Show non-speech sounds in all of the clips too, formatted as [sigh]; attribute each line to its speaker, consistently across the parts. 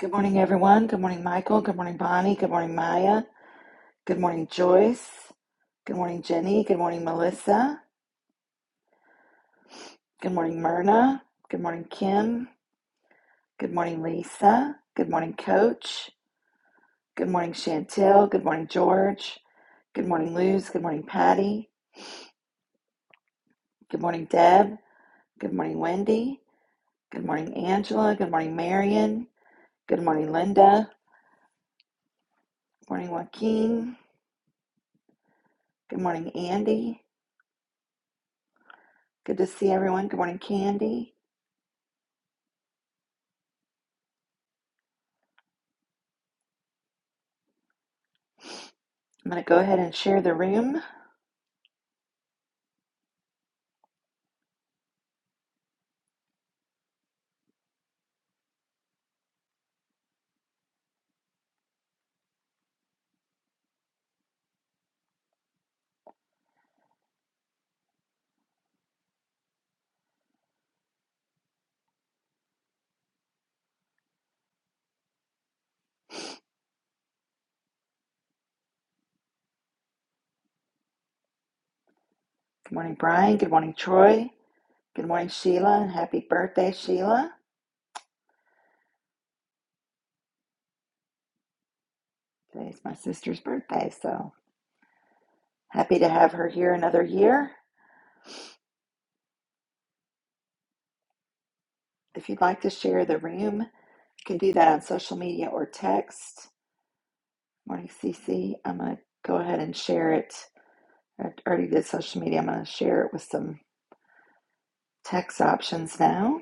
Speaker 1: Good morning, everyone. Good morning, Michael. Good morning, Bonnie. Good morning, Maya. Good morning, Joyce. Good morning, Jenny. Good morning, Melissa. Good morning, Myrna. Good morning, Kim. Good morning, Lisa. Good morning, Coach. Good morning, Chantel. Good morning, George. Good morning, Luz. Good morning, Patty. Good morning, Deb. Good morning, Wendy. Good morning, Angela. Good morning, Marion. Good morning, Linda. Good morning, Joaquin. Good morning, Andy. Good to see everyone. Good morning, Candy. I'm going to go ahead and share the room. Good morning, Brian. Good morning, Troy. Good morning, Sheila. And happy birthday, Sheila. Today's my sister's birthday, so happy to have her here another year. If you'd like to share the room, you can do that on social media or text. Morning, CC. I'm going to go ahead and share it. I already did social media. I'm going to share it with some text options now.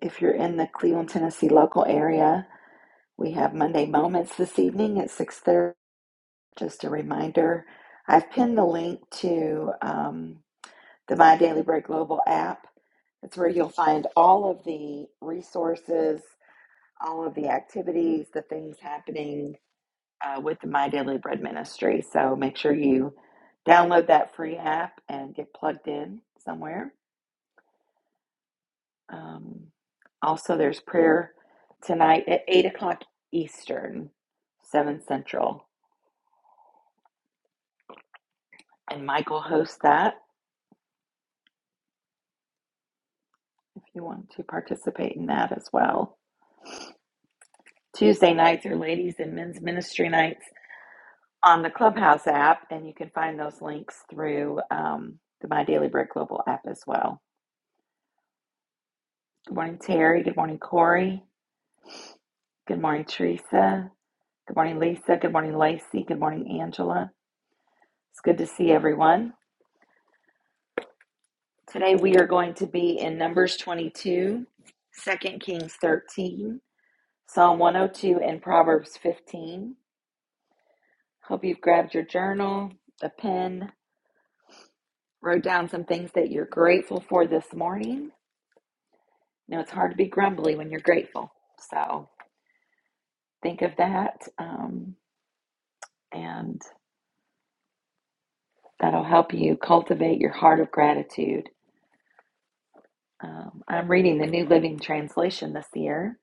Speaker 1: If you're in the Cleveland, Tennessee local area, we have Monday Moments this evening at 6:30. Just a reminder, I've pinned the link to um, the My Daily Bread Global app. That's where you'll find all of the resources, all of the activities, the things happening uh, with the My Daily Bread ministry. So make sure you download that free app and get plugged in somewhere. Um, also, there's prayer tonight at 8 o'clock Eastern, 7 Central. And Michael hosts that. if you want to participate in that as well. Tuesday nights are ladies and men's ministry nights on the Clubhouse app, and you can find those links through um, the My Daily Bread Global app as well. Good morning, Terry. Good morning, Corey. Good morning, Teresa. Good morning, Lisa. Good morning, Lacey. Good morning, Angela. It's good to see everyone. Today we are going to be in Numbers 22, Second Kings 13, Psalm 102, and Proverbs 15. Hope you've grabbed your journal, a pen, wrote down some things that you're grateful for this morning. You know, it's hard to be grumbly when you're grateful. So think of that, um, and that'll help you cultivate your heart of gratitude. Um, I'm reading the New Living Translation this year,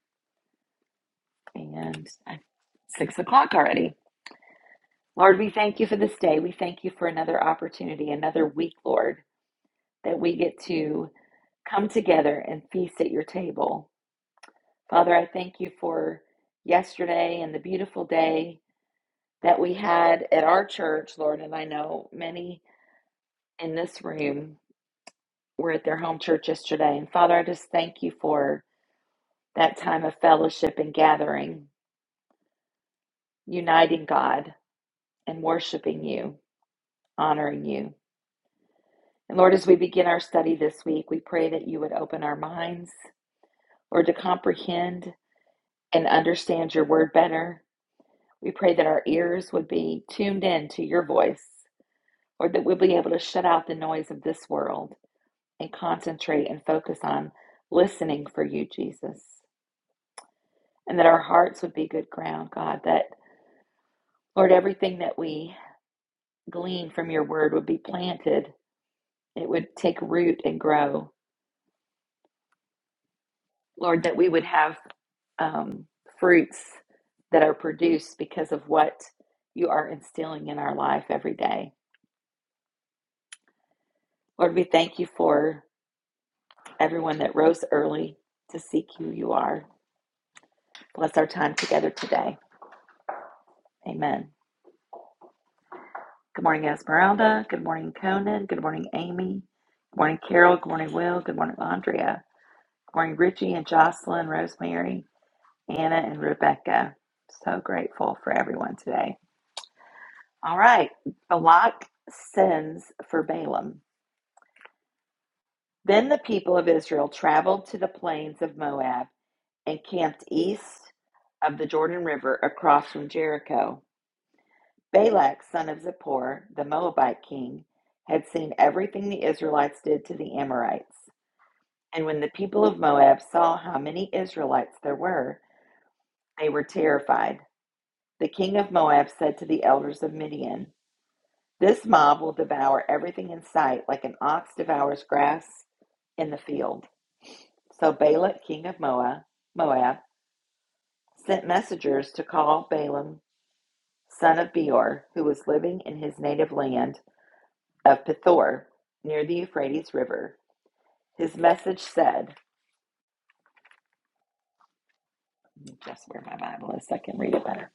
Speaker 1: and I- six o'clock already. Lord, we thank you for this day. We thank you for another opportunity, another week, Lord, that we get to come together and feast at your table. Father, I thank you for yesterday and the beautiful day that we had at our church, Lord. And I know many in this room were at their home church yesterday. And Father, I just thank you for that time of fellowship and gathering, uniting God and worshiping you, honoring you. And Lord, as we begin our study this week, we pray that you would open our minds, Lord, to comprehend and understand your word better. We pray that our ears would be tuned in to your voice Or that we'll be able to shut out the noise of this world and concentrate and focus on listening for you, Jesus. And that our hearts would be good ground, God. That, Lord, everything that we glean from your word would be planted, it would take root and grow. Lord, that we would have um, fruits that are produced because of what you are instilling in our life every day. Lord, we thank you for everyone that rose early to seek who you are. Bless our time together today. Amen. Good morning, Esmeralda. Good morning, Conan. Good morning, Amy. Good morning, Carol. Good morning, Will. Good morning, Andrea. Good morning, Richie and Jocelyn, Rosemary, Anna, and Rebecca. So grateful for everyone today. All right. Balak sends for Balaam. Then the people of Israel traveled to the plains of Moab and camped east of the Jordan River across from Jericho. Balak, son of Zippor, the Moabite king, had seen everything the Israelites did to the Amorites. And when the people of Moab saw how many Israelites there were, they were terrified. The king of Moab said to the elders of Midian, This mob will devour everything in sight, like an ox devours grass in the field. So Balak, king of Moab, Moab sent messengers to call Balaam, son of Beor, who was living in his native land of Pithor near the Euphrates River. His message said, just where my Bible is, so I can read it better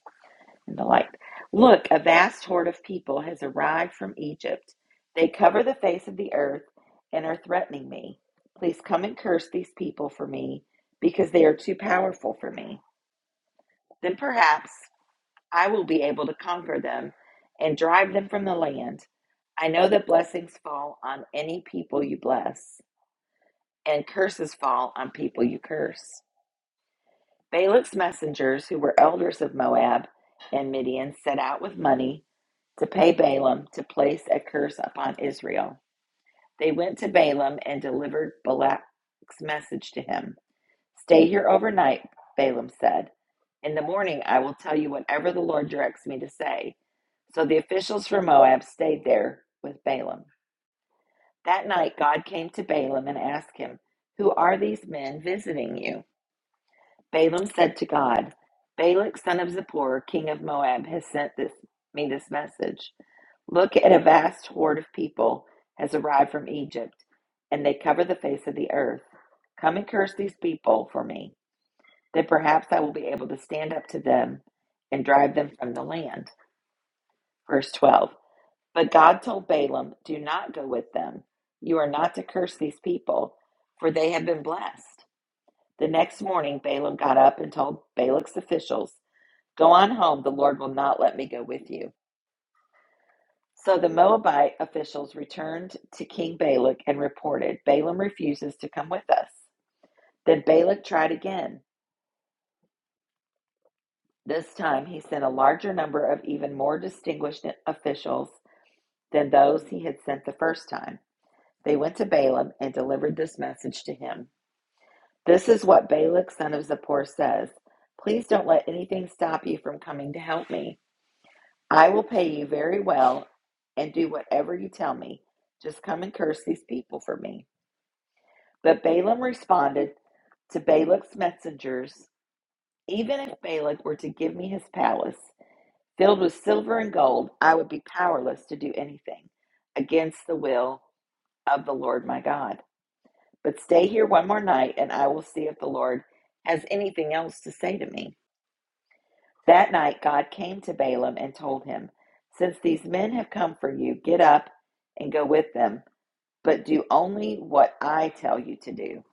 Speaker 1: in the light. Look, a vast horde of people has arrived from Egypt. They cover the face of the earth and are threatening me. Please come and curse these people for me because they are too powerful for me. Then perhaps I will be able to conquer them and drive them from the land. I know that blessings fall on any people you bless and curses fall on people you curse. Balak's messengers, who were elders of Moab and Midian, set out with money to pay Balaam to place a curse upon Israel. They went to Balaam and delivered Balak's message to him. Stay here overnight, Balaam said. In the morning, I will tell you whatever the Lord directs me to say. So the officials from Moab stayed there with Balaam. That night, God came to Balaam and asked him, Who are these men visiting you? Balaam said to God, Balak, son of Zippor, king of Moab, has sent this, me this message. Look at a vast horde of people has arrived from Egypt, and they cover the face of the earth. Come and curse these people for me, that perhaps I will be able to stand up to them and drive them from the land. Verse 12. But God told Balaam, Do not go with them. You are not to curse these people, for they have been blessed. The next morning, Balaam got up and told Balak's officials, Go on home, the Lord will not let me go with you. So the Moabite officials returned to King Balak and reported, Balaam refuses to come with us. Then Balak tried again. This time he sent a larger number of even more distinguished officials than those he had sent the first time. They went to Balaam and delivered this message to him. This is what Balak, son of Zippor, says Please don't let anything stop you from coming to help me. I will pay you very well and do whatever you tell me. Just come and curse these people for me. But Balaam responded to Balak's messengers Even if Balak were to give me his palace filled with silver and gold, I would be powerless to do anything against the will of the Lord my God. But stay here one more night, and I will see if the Lord has anything else to say to me. That night God came to Balaam and told him, Since these men have come for you, get up and go with them, but do only what I tell you to do.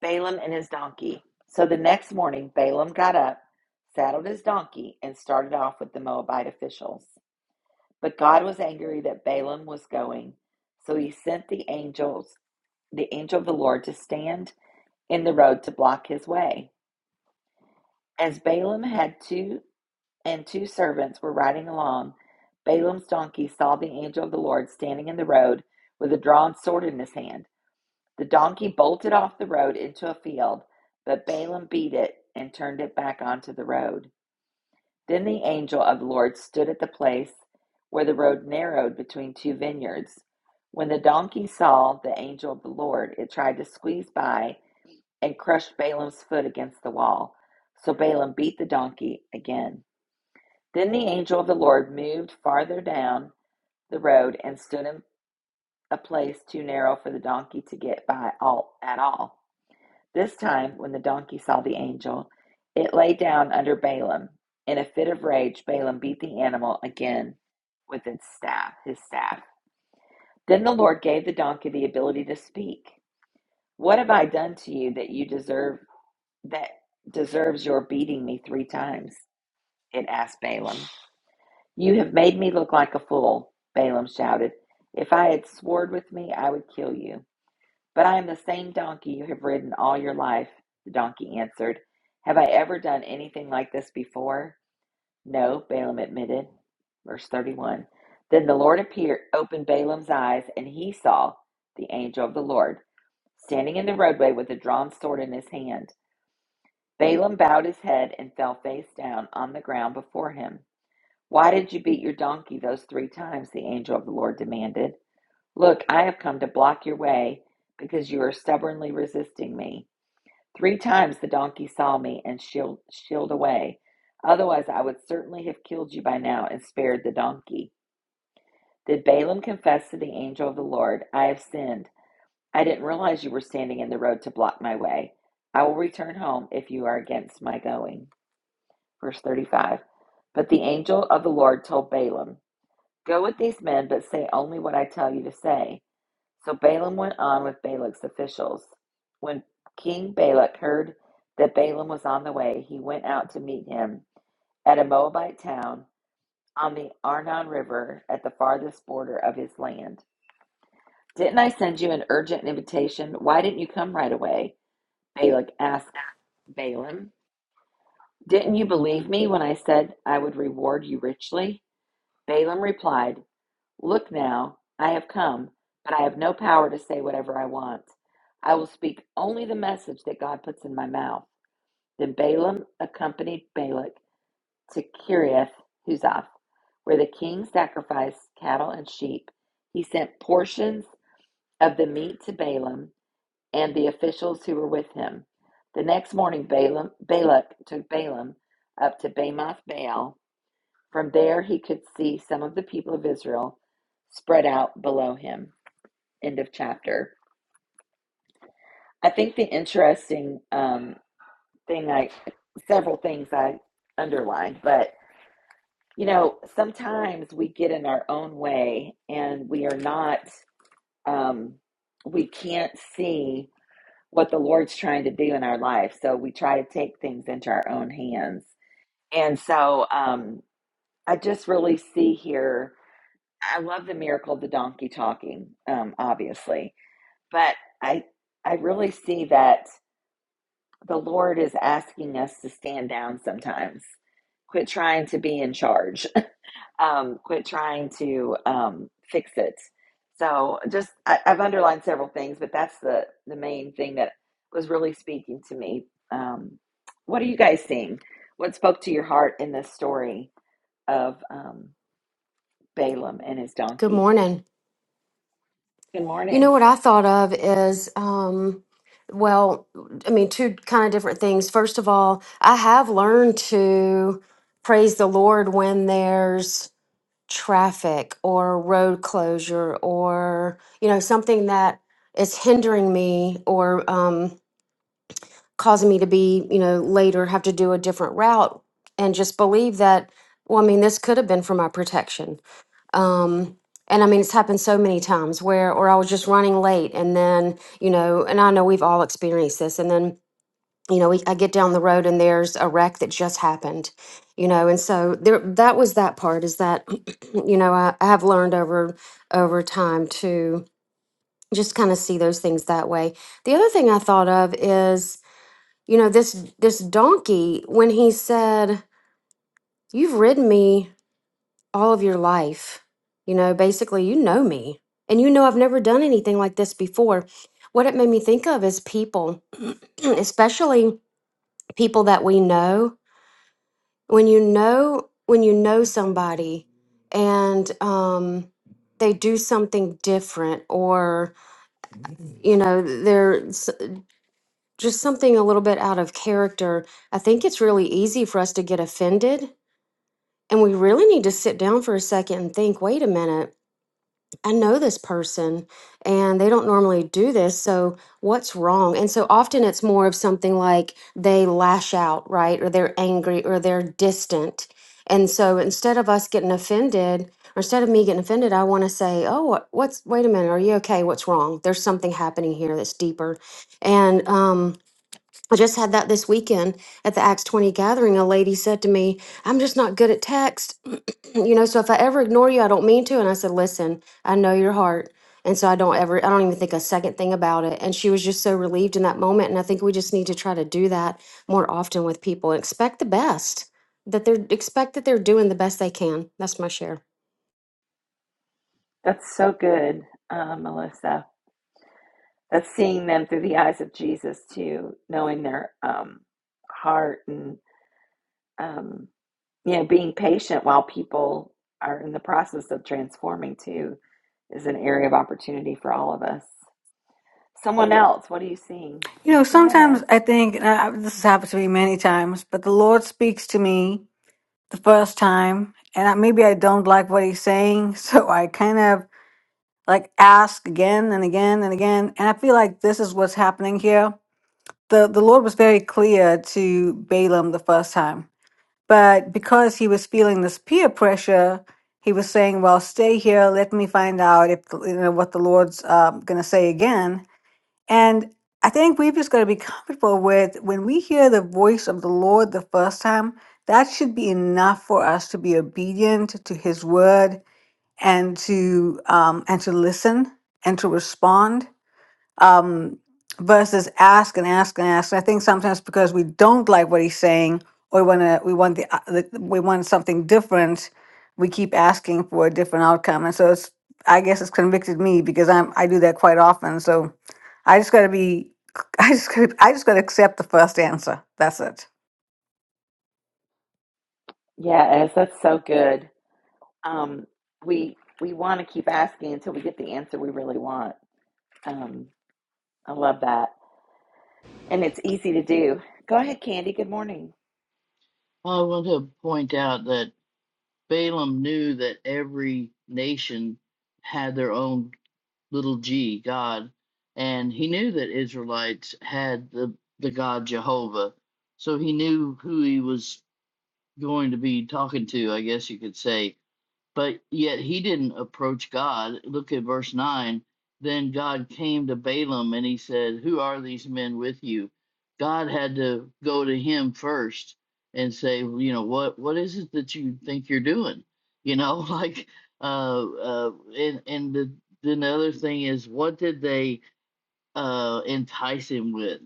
Speaker 1: Balaam and his donkey. So the next morning, Balaam got up, saddled his donkey, and started off with the Moabite officials. But God was angry that Balaam was going, so he sent the angels, the angel of the Lord, to stand in the road to block his way. As Balaam had two and two servants were riding along, Balaam's donkey saw the angel of the Lord standing in the road with a drawn sword in his hand. The donkey bolted off the road into a field, but Balaam beat it and turned it back onto the road. Then the angel of the Lord stood at the place where the road narrowed between two vineyards. When the donkey saw the angel of the Lord, it tried to squeeze by and crushed Balaam's foot against the wall. So Balaam beat the donkey again. Then the angel of the Lord moved farther down the road and stood in a place too narrow for the donkey to get by all at all. This time, when the donkey saw the angel, it lay down under Balaam. In a fit of rage, Balaam beat the animal again with its staff, his staff. Then the Lord gave the donkey the ability to speak. What have I done to you that you deserve that deserves your beating me three times? It asked Balaam. You have made me look like a fool, Balaam shouted. If I had sworn with me, I would kill you. But I am the same donkey you have ridden all your life, the donkey answered. Have I ever done anything like this before? No, Balaam admitted. Verse 31. Then the Lord appeared, opened Balaam's eyes, and he saw the angel of the Lord standing in the roadway with a drawn sword in his hand. Balaam bowed his head and fell face down on the ground before him. Why did you beat your donkey those three times? The angel of the Lord demanded. Look, I have come to block your way because you are stubbornly resisting me. Three times the donkey saw me and shield, shield away. Otherwise, I would certainly have killed you by now and spared the donkey. Did Balaam confess to the angel of the Lord, I have sinned. I didn't realize you were standing in the road to block my way. I will return home if you are against my going. Verse 35. But the angel of the Lord told Balaam, Go with these men, but say only what I tell you to say. So Balaam went on with Balak's officials. When King Balak heard that Balaam was on the way, he went out to meet him at a Moabite town on the Arnon River at the farthest border of his land. Didn't I send you an urgent invitation? Why didn't you come right away? Balak asked Balaam. Didn't you believe me when I said I would reward you richly? Balaam replied, Look now, I have come, but I have no power to say whatever I want. I will speak only the message that God puts in my mouth. Then Balaam accompanied Balak to Kiriath Huzoth, where the king sacrificed cattle and sheep. He sent portions of the meat to Balaam and the officials who were with him. The next morning, Balaam, Balak took Balaam up to Bamoth Baal. From there, he could see some of the people of Israel spread out below him end of chapter. I think the interesting um, thing, I several things I underlined, but you know, sometimes we get in our own way and we are not, um, we can't see what the Lord's trying to do in our life. So we try to take things into our own hands. And so um, I just really see here, I love the miracle of the donkey talking, um, obviously, but I I really see that The Lord is asking us to stand down sometimes. Quit trying to be in charge. [laughs] um, quit trying to um, fix it. So just I, I've underlined several things, but that's the the main thing that was really speaking to me. Um, what are you guys seeing? What spoke to your heart in this story of um, Balaam and his
Speaker 2: Good
Speaker 1: donkey?
Speaker 2: morning.
Speaker 1: Good
Speaker 2: You
Speaker 1: morning.
Speaker 2: know what I thought of is, um, well, I mean, two kind of different things. First of all, I have learned to praise the Lord when there's traffic or road closure or, you know, something that is hindering me or um, causing me to be, you know, later have to do a different route and just believe that, well, I mean, this could have been for my protection um and i mean it's happened so many times where or i was just running late and then you know and i know we've all experienced this and then you know we, i get down the road and there's a wreck that just happened you know and so there that was that part is that [clears throat] you know I, I have learned over over time to just kind of see those things that way the other thing i thought of is you know this this donkey when he said you've ridden me all of your life. You know, basically, you know me, and you know I've never done anything like this before. What it made me think of is people, [clears throat] especially people that we know. When you know, when you know somebody, and um, they do something different, or you know, they're s- just something a little bit out of character. I think it's really easy for us to get offended, and we really need to sit down for a second and think. Wait a minute I know this person and they don't normally do this. So, what's wrong? And so, often it's more of something like they lash out, right? Or they're angry or they're distant. And so, instead of us getting offended, or instead of me getting offended, I want to say, Oh, what, what's, wait a minute, are you okay? What's wrong? There's something happening here that's deeper. And, um, I just had that this weekend at the Acts 20 gathering. A lady said to me, I'm just not good at text. [clears throat] you know, so if I ever ignore you, I don't mean to. And I said, Listen, I know your heart. And so I don't ever, I don't even think a second thing about it. And she was just so relieved in that moment. And I think we just need to try to do that more often with people and expect the best that they're, expect that they're doing the best they can. That's my share.
Speaker 1: That's so good, uh, Melissa. That's seeing them through the eyes of Jesus too, knowing their um, heart and um, you know being patient while people are in the process of transforming too is an area of opportunity for all of us. Someone else, what are you seeing?
Speaker 3: You know,
Speaker 1: Go ahead,
Speaker 3: sometimes
Speaker 1: Ez.
Speaker 3: I think and I, this has happened to me many times, but the Lord speaks to me the first time, and I, maybe I don't like what He's saying, [laughs] so I kind of like ask again and again and again, and I feel like this is what's happening here. the The Lord was very clear to Balaam the first time, but because he was feeling this peer pressure, he was saying, "Well, stay here. Let me find out if you know what the Lord's um going to say again." And I think we've just got to be comfortable with when we hear the voice of the Lord the first time, that should be enough for us to be obedient to his word and to um, and to listen and to respond um, versus ask and ask and ask. And I think sometimes because we don't like what he's saying, or we want to, we want the, uh, the, we want something different, we keep asking for a different outcome. And so it's, I guess it's convicted me because I'm, I do that quite often. So I just got to be, [laughs] I just, gotta, I just got to accept the first answer. That's it.
Speaker 1: Yeah, Ez, that's so good. Um, we we want to keep asking until we get the answer we really want. Um, I love that, and it's easy to do. Go ahead, Candy. Good morning.
Speaker 4: Well, I want to point out that Balaam knew that every nation had their own little g, God, and he knew that Israelites had the, the God Jehovah. So he knew who he was going to be talking to, I guess you could say. But yet he didn't approach God. Look at verse 9. Then God came to Balaam and he said, Who are these men with you? God had to go to him first and say, You know, what, what is it that you think you're doing? [laughs] You know, like, uh, uh, and, and the, then the other thing is, what did they uh, entice him with.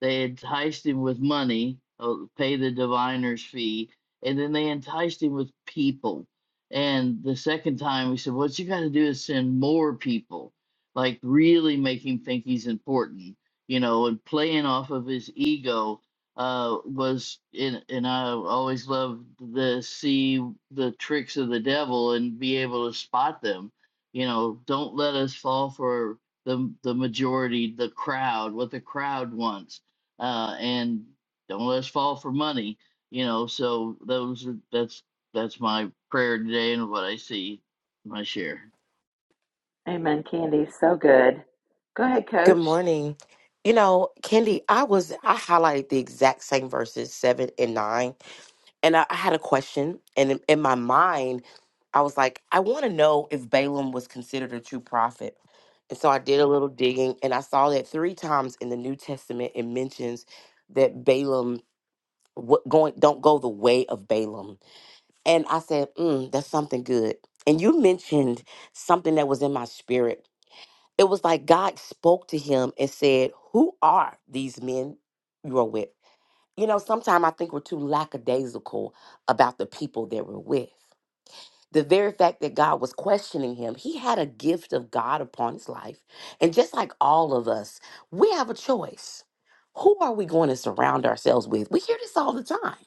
Speaker 4: They enticed him with money, uh, pay the diviner's fee, and then they enticed him with people. And the second time, we said, "Well, What you got to do is send more people, like really make him think he's important, you know, and playing off of his ego. Uh, was in, and I always loved to see the tricks of the devil and be able to spot them. You know, don't let us fall for the the majority, the crowd, what the crowd wants, uh, and don't let us fall for money. You know, so those are that's that's my prayer today and what I see, my share.
Speaker 1: Amen, Candy. So good. Go ahead,
Speaker 5: Good
Speaker 1: Coach.
Speaker 5: morning. You know, Kendi, I was I highlighted the exact same verses seven and nine, and I, I had a question, and in, in my mind, I was like, I want to know if Balaam was considered a true prophet, and so I did a little digging, and I saw that three times in the New Testament it mentions that Balaam what going don't go the way of Balaam, and I said, mm, that's something good. And you mentioned something that was in my spirit it was like God spoke to him and said, Who are these men you are with? You know, sometimes I think we're too lackadaisical about the people that we're with. The very fact that God was questioning him, he had a gift of God upon his life. And just like all of us, we have a choice. Who are we going to surround ourselves with? We hear this all the time.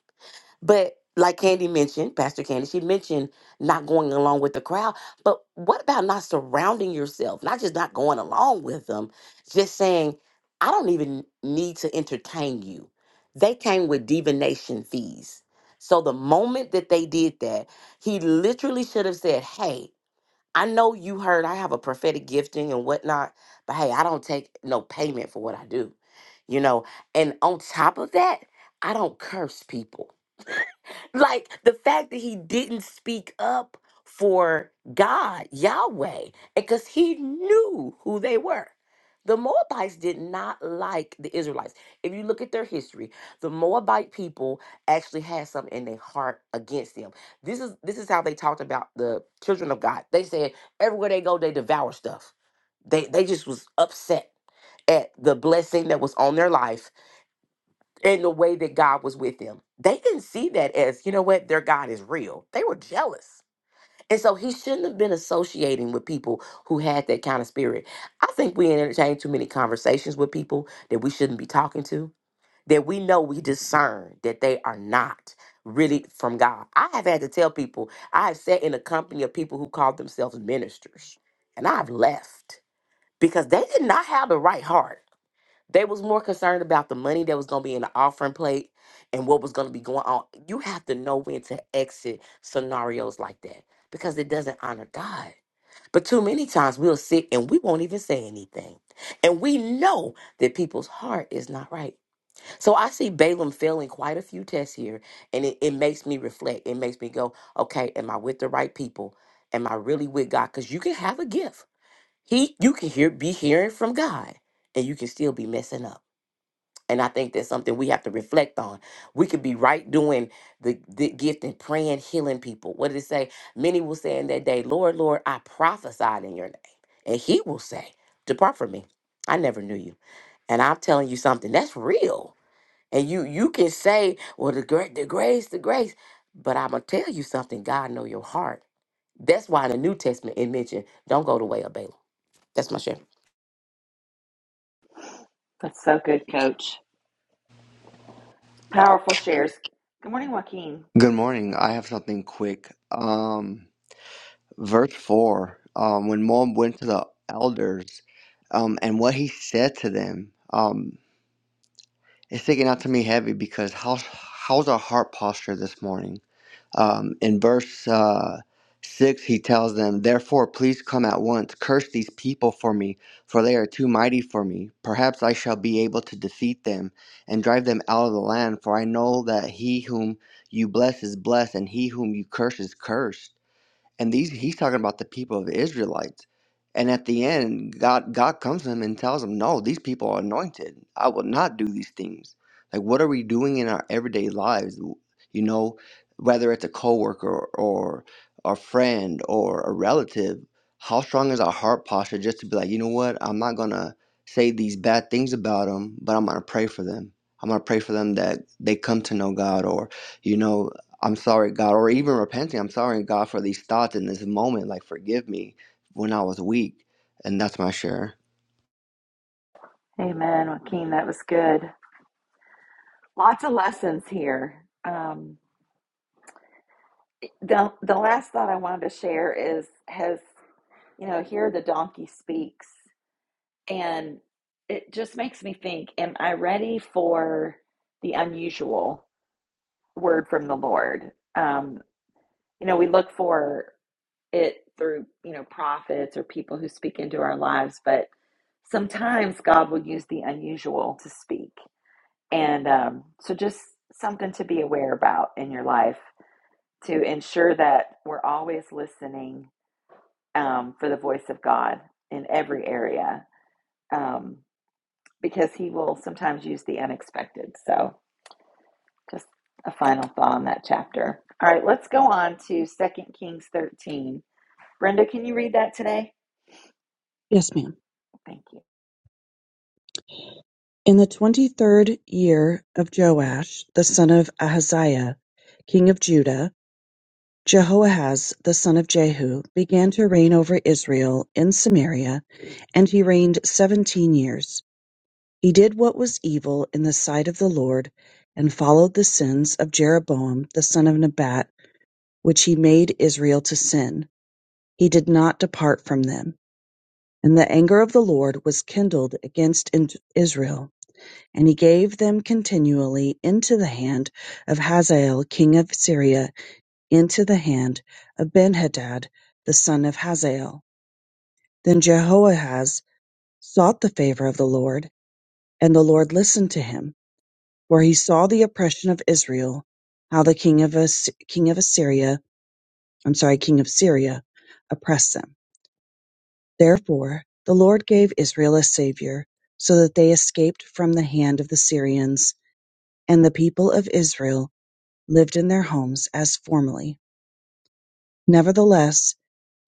Speaker 5: But like Candy mentioned, Pastor Candy, she mentioned not going along with the crowd. But what about not surrounding yourself? Not just not going along with them, just saying, I don't even need to entertain you. They came with divination fees. So the moment that they did that, he literally should have said, Hey, I know you heard I have a prophetic gifting and whatnot, but hey, I don't take no payment for what I do. You know, and on top of that, I don't curse people like the fact that he didn't speak up for God, Yahweh, because he knew who they were. The Moabites did not like the Israelites. If you look at their history, the Moabite people actually had something in their heart against them. This is this is how they talked about the children of God. They said everywhere they go, they devour stuff. They they just was upset at the blessing that was on their life in the way that God was with them. They didn't see that as, you know what, their God is real. They were jealous. And so he shouldn't have been associating with people who had that kind of spirit. I think we entertain too many conversations with people that we shouldn't be talking to, that we know we discern that they are not really from God. I have had to tell people, I have sat in a company of people who called themselves ministers, and I've left because they did not have the right heart. They was more concerned about the money that was gonna be in the offering plate and what was gonna be going on. You have to know when to exit scenarios like that because it doesn't honor God. But too many times we'll sit and we won't even say anything. And we know that people's heart is not right. So I see Balaam failing quite a few tests here. And it, it makes me reflect. It makes me go, okay, am I with the right people? Am I really with God? Because you can have a gift. He you can hear be hearing from God and you can still be messing up. And I think that's something we have to reflect on. We could be right doing the, the gift and praying, healing people. What did it say? Many will say in that day, Lord, Lord, I prophesied in your name. And he will say, Depart from me. I never knew you. And I'm telling you something, that's real. And you you can say, Well, the great the grace, the grace. But I'm gonna tell you something, God know your heart. That's why in the New Testament it mentioned, don't go the way of Balaam. That's my share.
Speaker 1: That's so good, Coach. Powerful shares. Good morning, Joaquin.
Speaker 6: Good morning. I have something quick. Um, verse 4, um, when Moab went to the elders um, and what he said to them, um, it's sticking out to me heavy because how's, how's our heart posture this morning? Um, in verse uh, 6, he tells them, Therefore, please come at once, curse these people for me, for they are too mighty for me. Perhaps I shall be able to defeat them and drive them out of the land, for I know that he whom you bless is blessed, and he whom you curse is cursed and these he's talking about the people of Israelites. And at the end, God God comes to him and tells him, "No, these people are anointed. I will not do these things. Like, what are we doing in our everyday lives? You know, whether it's a coworker or a friend or a relative, how strong is our heart posture just to be like, you know what? I'm not gonna say these bad things about them, but I'm gonna pray for them. I'm gonna pray for them that they come to know God, or you know I'm sorry, God, or even repenting, I'm sorry, God, for these thoughts in this moment. Like, forgive me when I was weak. And that's my share.
Speaker 1: Amen, Joaquin. That was good. Lots of lessons here. Um, the the last thought I wanted to share is has you know here the donkey speaks And it just makes me think, am I ready for the unusual word from the Lord? Um, you know, we look for it through, you know, prophets or people who speak into our lives, but sometimes God will use the unusual to speak. And um, so just something to be aware about in your life to ensure that we're always listening um, for the voice of God in every area. Um, because he will sometimes use the unexpected. So, just a final thought on that chapter. All right, let's go on to Second Kings 13. Brenda, can you read that today?
Speaker 7: Yes, ma'am.
Speaker 1: Thank you.
Speaker 7: In the twenty-third year of Joash the son of Ahaziah, king of Judah, Jehoahaz the son of Jehu began to reign over Israel in Samaria, and he reigned seventeen years. He did what was evil in the sight of the Lord, and followed the sins of Jeroboam the son of Nebat, which he made Israel to sin. He did not depart from them. And the anger of the Lord was kindled against in- Israel And he gave them continually into the hand of Hazael king of Syria, into the hand of Benhadad the son of Hazael. Then Jehoahaz sought the favor of the Lord, and the Lord listened to him, for he saw the oppression of Israel, how the king of As- king of Assyria, I'm sorry, king of Syria, oppressed them. Therefore the Lord gave Israel a savior, so that they escaped from the hand of the Syrians, and the people of Israel lived in their homes as formerly. Nevertheless,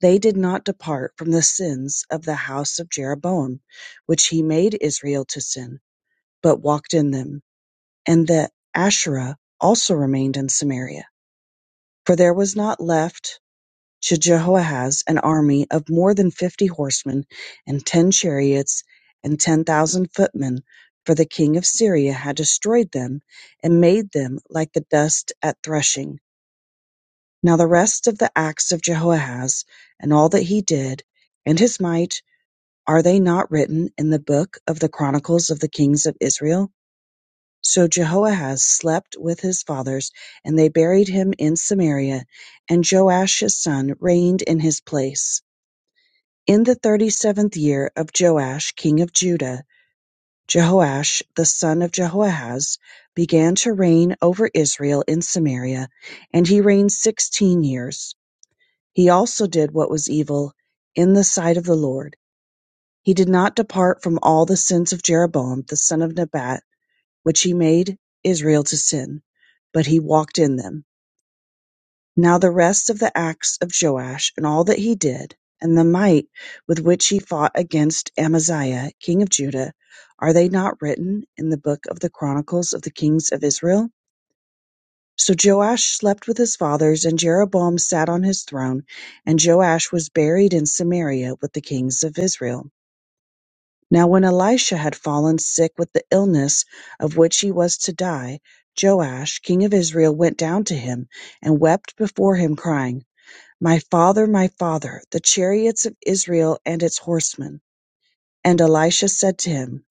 Speaker 7: they did not depart from the sins of the house of Jeroboam, which he made Israel to sin, but walked in them. And the Asherah also remained in Samaria. For there was not left to Jehoahaz an army of more than fifty horsemen, and ten chariots, and ten thousand footmen. For the king of Syria had destroyed them, and made them like the dust at threshing Now the rest of the acts of Jehoahaz, and all that he did, and his might, are they not written in the book of the chronicles of the kings of Israel? So Jehoahaz slept with his fathers, and they buried him in Samaria, and Joash his son reigned in his place. In the thirty seventh year of Joash king of Judah, Jehoash the son of Jehoahaz began to reign over Israel in Samaria, and he reigned sixteen years. He also did what was evil in the sight of the Lord. He did not depart from all the sins of Jeroboam the son of Nebat, which he made Israel to sin, but he walked in them. Now the rest of the acts of Joash and all that he did, and the might with which he fought against Amaziah king of Judah, are they not written in the book of the chronicles of the kings of Israel? So Joash slept with his fathers, and Jeroboam sat on his throne, and Joash was buried in Samaria with the kings of Israel. Now when Elisha had fallen sick with the illness of which he was to die, Joash, king of Israel, went down to him and wept before him, crying, My father, my father, the chariots of Israel and its horsemen. And Elisha said to him,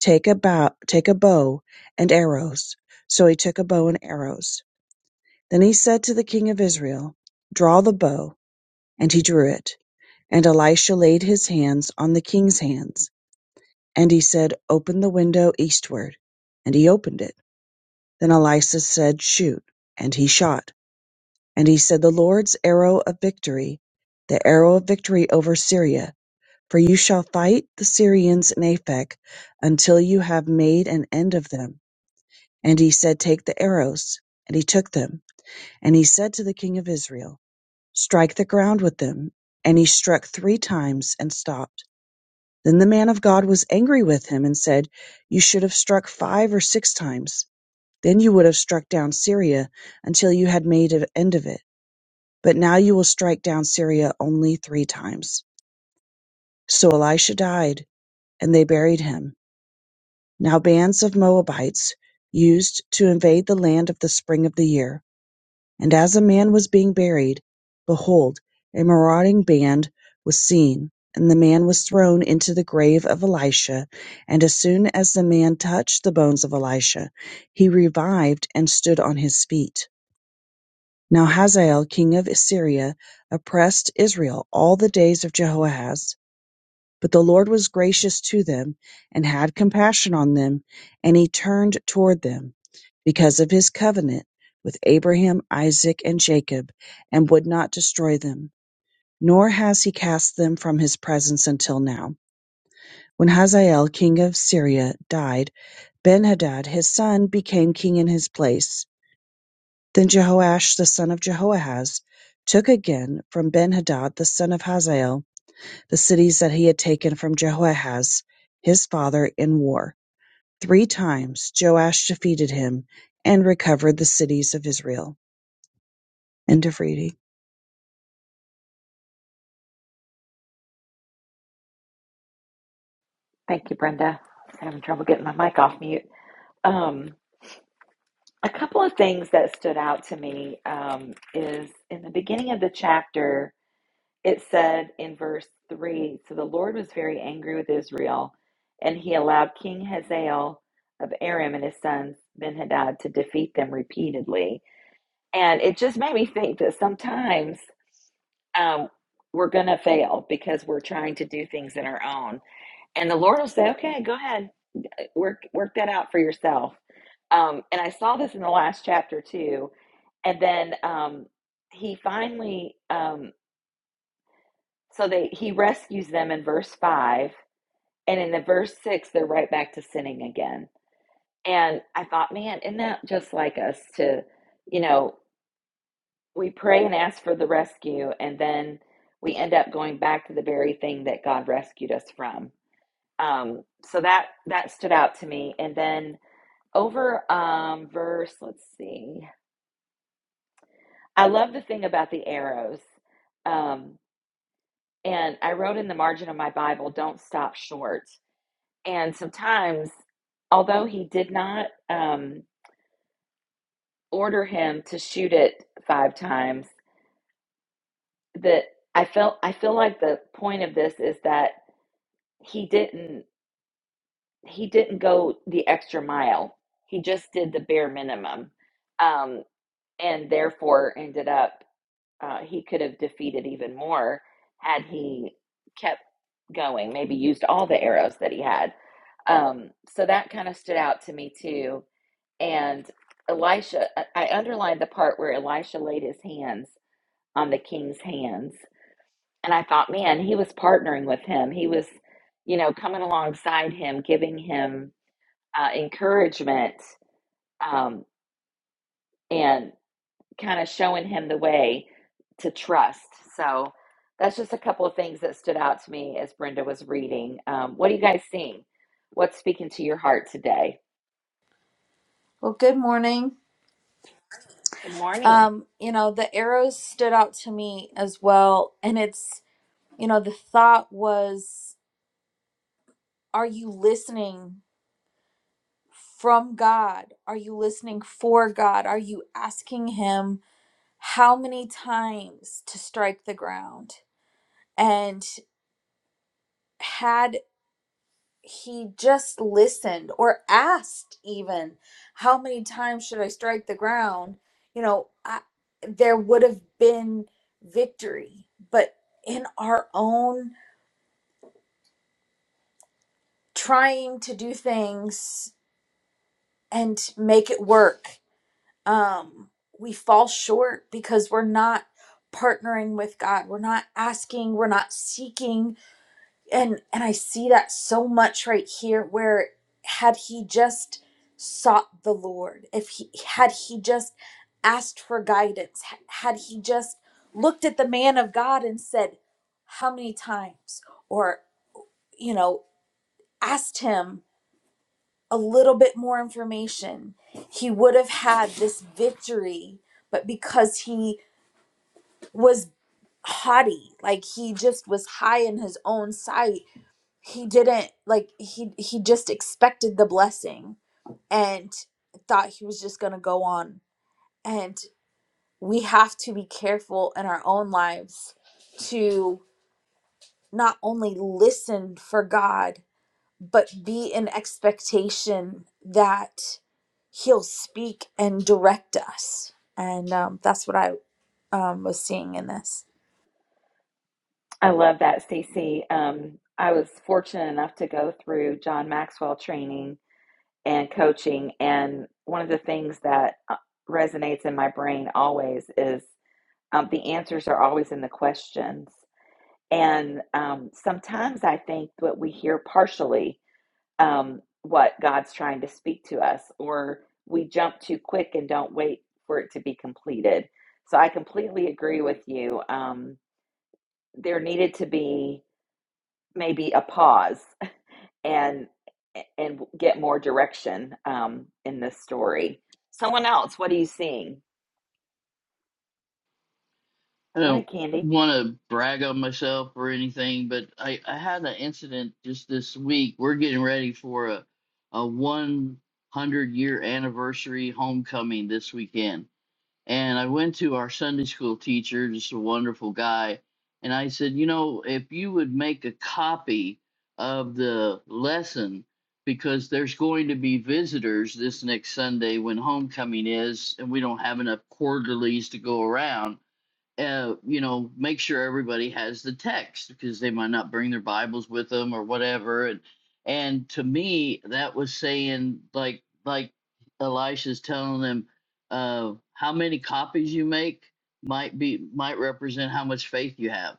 Speaker 7: Take a bow, take a bow and arrows. So he took a bow and arrows. Then he said to the king of Israel, Draw the bow. And he drew it. And Elisha laid his hands on the king's hands. And he said, Open the window eastward. And he opened it. Then Elisha said, Shoot. And he shot. And he said, The Lord's arrow of victory, the arrow of victory over Syria. For you shall fight the Syrians in Aphek until you have made an end of them. And he said, Take the arrows. And he took them. And he said to the king of Israel, Strike the ground with them. And he struck three times and stopped. Then the man of God was angry with him and said, You should have struck five or six times. Then you would have struck down Syria until you had made an end of it. But now you will strike down Syria only three times. So Elisha died, and they buried him. Now bands of Moabites used to invade the land of the spring of the year. And as a man was being buried, behold, a marauding band was seen, and the man was thrown into the grave of Elisha. And as soon as the man touched the bones of Elisha, he revived and stood on his feet. Now Hazael king of Syria oppressed Israel all the days of Jehoahaz. But the Lord was gracious to them, and had compassion on them, and he turned toward them, because of his covenant with Abraham, Isaac, and Jacob, and would not destroy them. Nor has he cast them from his presence until now. When Hazael, king of Syria, died, Benhadad his son became king in his place. Then Jehoash the son of Jehoahaz took again from Benhadad the son of Hazael the cities that he had taken from Jehoahaz his father in war. Three times Joash defeated him and recovered the cities of Israel. End of reading.
Speaker 1: Thank you, Brenda. I was having trouble getting my mic off mute. Um, a couple of things that stood out to me um, is in the beginning of the chapter, it said in verse 3 So the Lord was very angry with Israel, and he allowed King Hazael of Aram and his sons Ben Hadad to defeat them repeatedly. And it just made me think that sometimes um, we're going to fail because we're trying to do things in our own. And the Lord will say, Okay, go ahead, work, work that out for yourself. Um, and I saw this in the last chapter too. And then um, he finally, um, so they, he rescues them in verse 5 And in the verse six, they're right back to sinning again. And I thought, man, isn't that just like us to, you know, we pray and ask for the rescue, and then we end up going back to the very thing that God rescued us from. Um, so that that stood out to me. And then over um, verse, let's see, I love the thing about the arrows. Um, and I wrote in the margin of my Bible, "Don't stop short." And sometimes, although he did not. Um, order him to shoot it five times that i felt i feel like the point of this is that he didn't he didn't go the extra mile he just did the bare minimum um and therefore ended up uh, he could have defeated even more had he kept going maybe used all the arrows that he had um so that kind of stood out to me too and elisha i I underlined the part where elisha laid his hands on the king's hands. And I thought, man, he was partnering with him. He was, you know, coming alongside him, giving him uh, encouragement um, and kind of showing him the way to trust. So that's just a couple of things that stood out to me as Brenda was reading. Um, what are you guys seeing? What's speaking to your heart today?
Speaker 8: Well, good morning.
Speaker 1: Good morning.
Speaker 8: Um, you know, the arrows stood out to me as well. And it's, you know, the thought was, are you listening from God? Are you listening for God? Are you asking Him how many times to strike the ground? And had. he just listened or asked even how many times should i strike the ground you know I, there would have been victory but in our own trying to do things and make it work um we fall short because we're not partnering with god we're not asking we're not seeking and and i see that so much right here where had he just sought the lord if he had he just asked for guidance ha- had he just looked at the man of god and said how many times or you know asked him a little bit more information he would have had this victory but because he was haughty like he just was high in his own sight he didn't like he he just expected the blessing and thought he was just going to go on and we have to be careful in our own lives to not only listen for God but be in expectation that he'll speak and direct us and um, that's what i um, was seeing in this
Speaker 1: I love that, Stacey. Um, I was fortunate enough to go through John Maxwell training and coaching. And one of the things that uh, resonates in my brain always is um, the answers are always in the questions. And um, sometimes I think that we hear partially um, what God's trying to speak to us, or we jump too quick and don't wait for it to be completed. So I completely agree with you. Um, there needed to be maybe a pause and and get more direction um, in this story. Someone else, what are you seeing?
Speaker 4: I
Speaker 1: Go ahead,
Speaker 4: don't
Speaker 1: Candy.
Speaker 4: want to brag on myself or anything, but I I had an incident just this week. We're getting ready for a a one hundred year anniversary homecoming this weekend and I went to our Sunday school teacher, just a wonderful guy, and I said, you know, if you would make a copy of the lesson, because there's going to be visitors this next Sunday when homecoming is, and we don't have enough quarterlies to go around uh, you know, make sure everybody has the text because they might not bring their Bibles with them or whatever. And and to me, that was saying like like Elisha's telling them, uh, how many copies you make might be might represent how much faith you have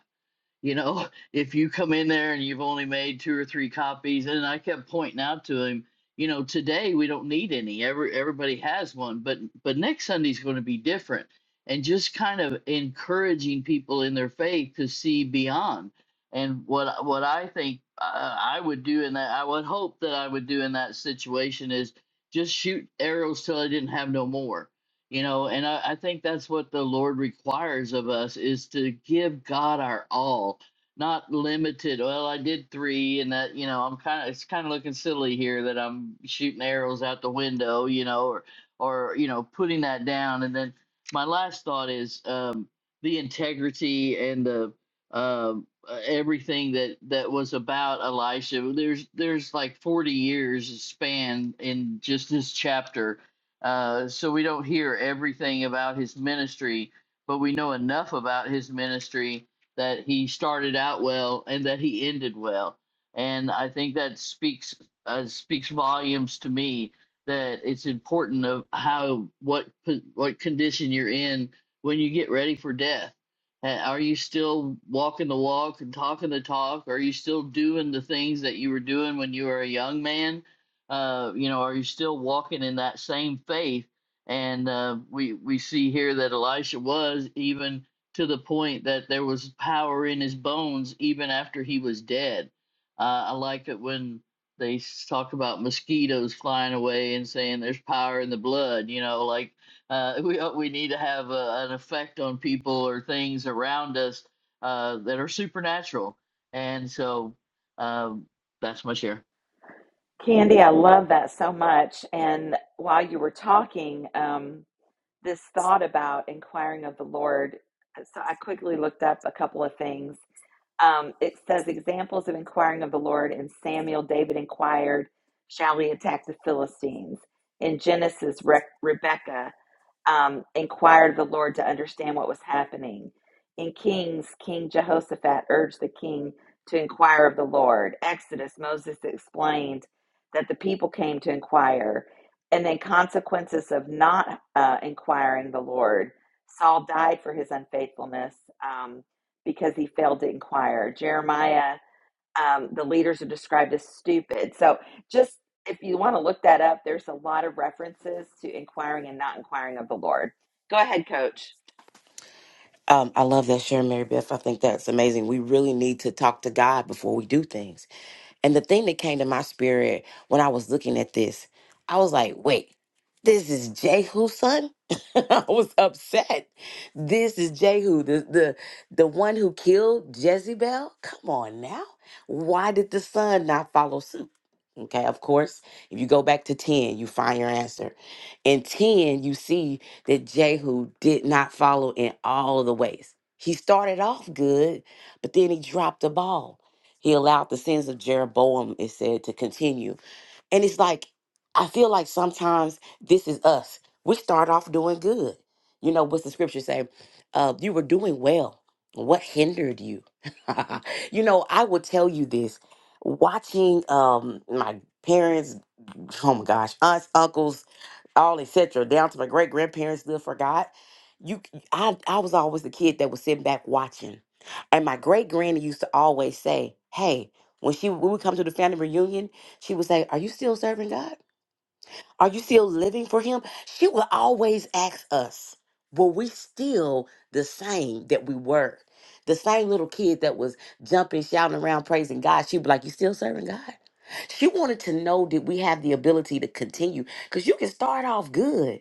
Speaker 4: you know, [laughs] if you come in there and you've only made two or three copies, and I kept pointing out to him, you know, today we don't need any. Every everybody has one, but but next Sunday's going to be different, and just kind of encouraging people in their faith to see beyond. And what what I think uh, I would do in that, I would hope that I would do in that situation is just shoot arrows till I didn't have no more you know and I, I think that's what the lord requires of us is to give god our all not limited well i did three and that you know i'm kind of it's kind of looking silly here that i'm shooting arrows out the window you know or or you know putting that down and then my last thought is um the integrity and the um uh, everything that that was about elisha there's there's like 40 years span in just this chapter uh, so we don't hear everything about his ministry, but we know enough about his ministry that he started out well and that he ended well. And I think that speaks uh, speaks volumes to me that it's important of how what po- what condition you're in when you get ready for death. Uh, Are you still walking the walk and talking the talk? Are you still doing the things that you were doing when you were a young man? uh, you know, are you still walking in that same faith? And uh, we we see here that Elisha was even to the point that there was power in his bones even after he was dead. Uh, I like it when they s- talk about mosquitoes flying away and saying there's power in the blood. You know, like uh, [laughs] we uh, we need to have a, an effect on people or things around us uh, that are supernatural. And so um, that's my share.
Speaker 1: Candy, I love that so much. And while you were talking, um, this thought about inquiring of the Lord. uh, So I quickly looked up a couple of things. Um, it says examples of inquiring of the Lord in Samuel. David inquired, "Shall we attack the Philistines?" In Genesis, Re- Rebecca um, inquired of the Lord to understand what was happening. In Kings, King Jehoshaphat urged the king to inquire of the Lord. Exodus, Moses explained that the people came to inquire. And then, consequences of not uh, inquiring the Lord. Saul died for his unfaithfulness um, because he failed to inquire. Jeremiah um, the leaders are described as stupid. So just if you want to look that up, there's a lot of references to inquiring and not inquiring of the Lord. Go ahead, coach.
Speaker 5: Um, I love that share, Mary Beth. I think that's amazing. We really need to talk to God before we do things. And the thing that came to my spirit when I was looking at this, I was like, wait, this is Jehu's son? [laughs] I was upset. This is Jehu, the, the the one who killed Jezebel. Come on now. Why did the son not follow suit? Okay, of course, if you go back to 10, you find your answer. In 10, you see that Jehu did not follow in all of the ways. He started off good, but then he dropped the ball. He allowed the sins of Jeroboam, it said, to continue. And it's like, I feel like sometimes this is us. We start off doing good. You know, what's the scripture say? Uh, you were doing well. What hindered you? [laughs] you know, I will tell you this. Watching um my parents, oh my gosh, aunts, uncles, all etc. Down to my great grandparents still forgot. You, I, I was always the kid that was sitting back watching, and my great granny used to always say, "Hey." When she when we come to the family reunion, she would say, "Are you still serving God?" Are you still living for him? She will always ask us, were we still the same that we were? The same little kid that was jumping, shouting around, praising God. She'd be like, You still serving God? She wanted to know did we have the ability to continue? Because you can start off good.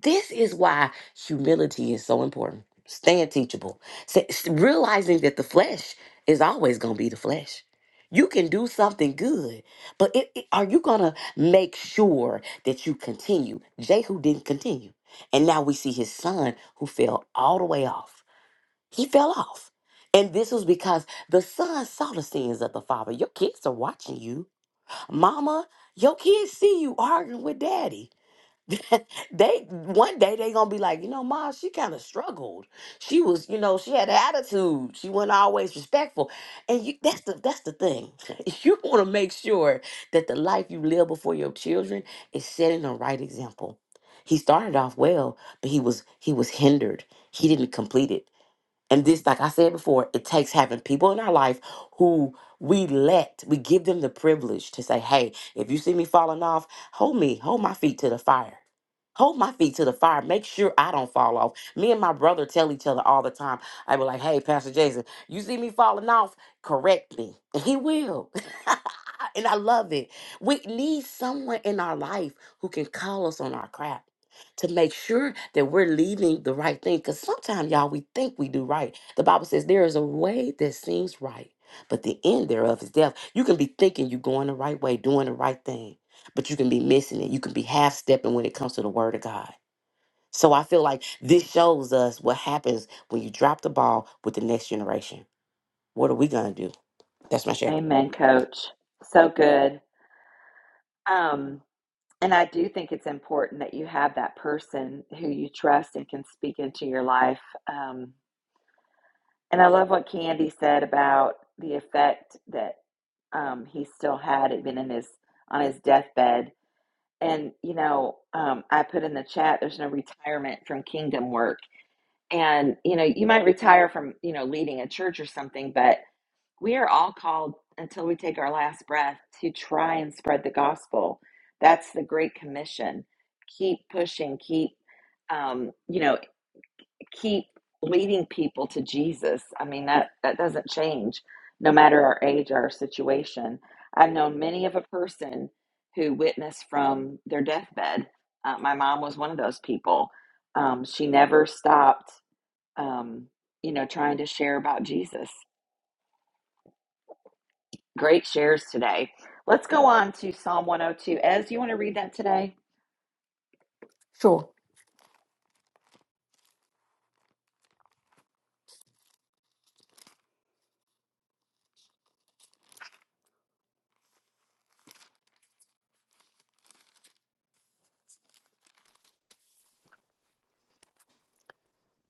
Speaker 5: This is why humility is so important. Staying teachable. Sa- s- Realizing that the flesh is always going to be the flesh. You can do something good, but it, it- are you going to make sure? that you continue. Jehu didn't continue. And now we see his son who fell all the way off. He fell off. And this was because the son saw the sins of the father. Your kids are watching you. Mama, your kids see you arguing with daddy. [laughs] they one day they gonna be like, you know, Ma, she kind of struggled. She was, you know, she had an attitude. She wasn't always respectful. And you that's the that's the thing. [laughs] you wanna make sure that the life you live before your children is setting the right example. He started off well, but he was he was hindered. He didn't complete it and this, like I said before, it takes having people in our life who we let, we give them the privilege to say, hey, if you see me falling off, hold me, hold my feet to the fire. Hold my feet to the fire. Make sure I don't fall off. Me and my brother tell each other all the time. I be like, hey, Pastor Jason, you see me falling off, correct me. And he will. [laughs] and I love it. We need someone in our life who can call us on our crap to make sure that we're leaving the right thing. Because sometimes, y'all, we think we do right. The Bible says there is a way that seems right, but the end thereof is death. You can be thinking you're going the right way, doing the right thing, but you can be missing it. You can be half stepping when it comes to the Word of God. So I feel like this shows us what happens when you drop the ball with the next generation. What are we going to do? That's my share.
Speaker 1: Amen, coach. So good. Um, and I do think it's important that you have that person who you trust and can speak into your life. Um, and I love what Candy said about the effect that um, he still had, even in his on his deathbed And, you know, um, I put in the chat, there's no retirement from kingdom work. And, you know, you might retire from, you know, leading a church or something, but we are all called until we take our last breath to try and spread the gospel. That's the Great Commission. Keep pushing, keep, um, you know, keep leading people to Jesus. I mean, that, that doesn't change no matter our age or our situation. I've known many of a person who witnessed from their deathbed. Uh, my mom was one of those people. Um, she never stopped, um, you know, trying to share about Jesus. Great shares today. Let's go on to Psalm 102. Ez, you want to read that today?
Speaker 3: Sure.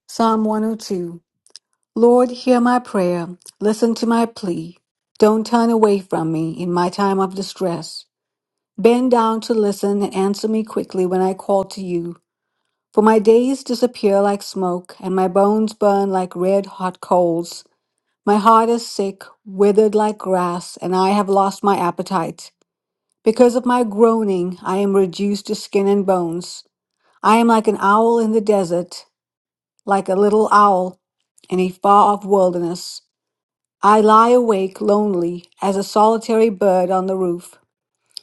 Speaker 3: Psalm 102. Lord, hear my prayer. Listen to my plea. Don't turn away from me in my time of distress. Bend down to listen and answer me quickly when I call to you. For my days disappear like smoke, and my bones burn like red hot coals. My heart is sick, withered like grass, and I have lost my appetite. Because of my groaning, I am reduced to skin and bones. I am like an owl in the desert, like a little owl in a far off wilderness. I lie awake lonely as a solitary bird on the roof.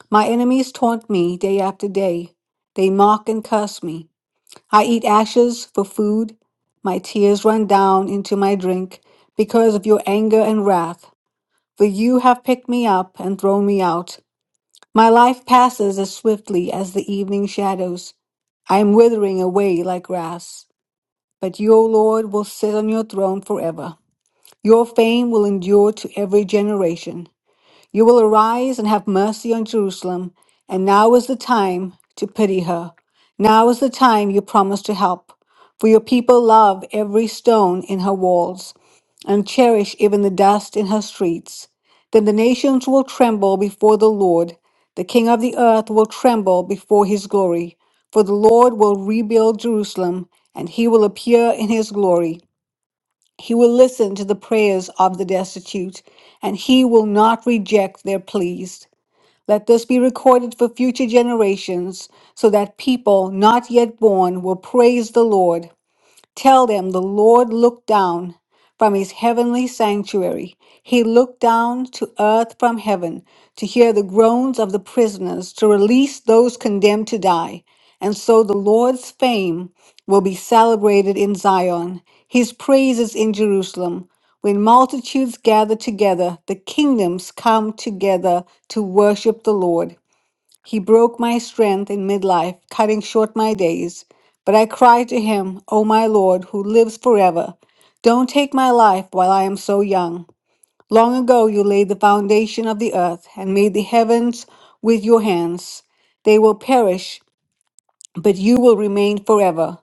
Speaker 3: My enemies taunt me day after day. They mock and curse me. I eat ashes for food. My tears run down into my drink because of your anger and wrath. For you have picked me up and thrown me out. My life passes as swiftly as the evening shadows. I am withering away like grass. But your Lord will sit on your throne forever. Your fame will endure to every generation. You will arise and have mercy on Jerusalem, and now is the time to pity her. Now is the time you promised to help. For your people love every stone in her walls, and cherish even the dust in her streets. Then the nations will tremble before the Lord, the King of the earth will tremble before his glory. For the Lord will rebuild Jerusalem, and he will appear in his glory. He will listen to the prayers of the destitute, and he will not reject their pleas. Let this be recorded for future generations, so that people not yet born will praise the Lord Tell them the Lord looked down from his heavenly sanctuary. He looked down to earth from heaven to hear the groans of the prisoners, to release those condemned to die. And so the Lord's fame will be celebrated in Zion, his praises in Jerusalem. When multitudes gather together, the kingdoms come together to worship the Lord. He broke my strength in midlife, cutting short my days. But I cried to him, O my Lord, who lives forever, don't take my life while I am so young. Long ago you laid the foundation of the earth and made the heavens with your hands. They will perish, but you will remain forever.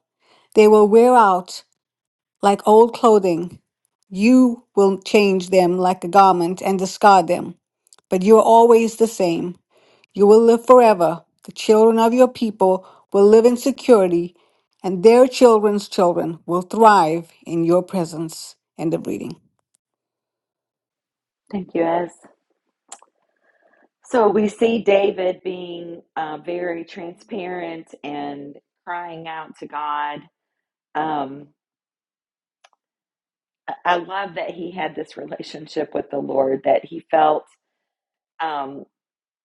Speaker 3: They will wear out like old clothing. You will change them like a garment and discard them. But you are always the same. You will live forever. The children of your people will live in security, and their children's children will thrive in your presence. End of reading.
Speaker 1: Thank you, Ez. So we see David being uh, very transparent and crying out to God. Um, I I love that he had this relationship with the Lord that he felt. um,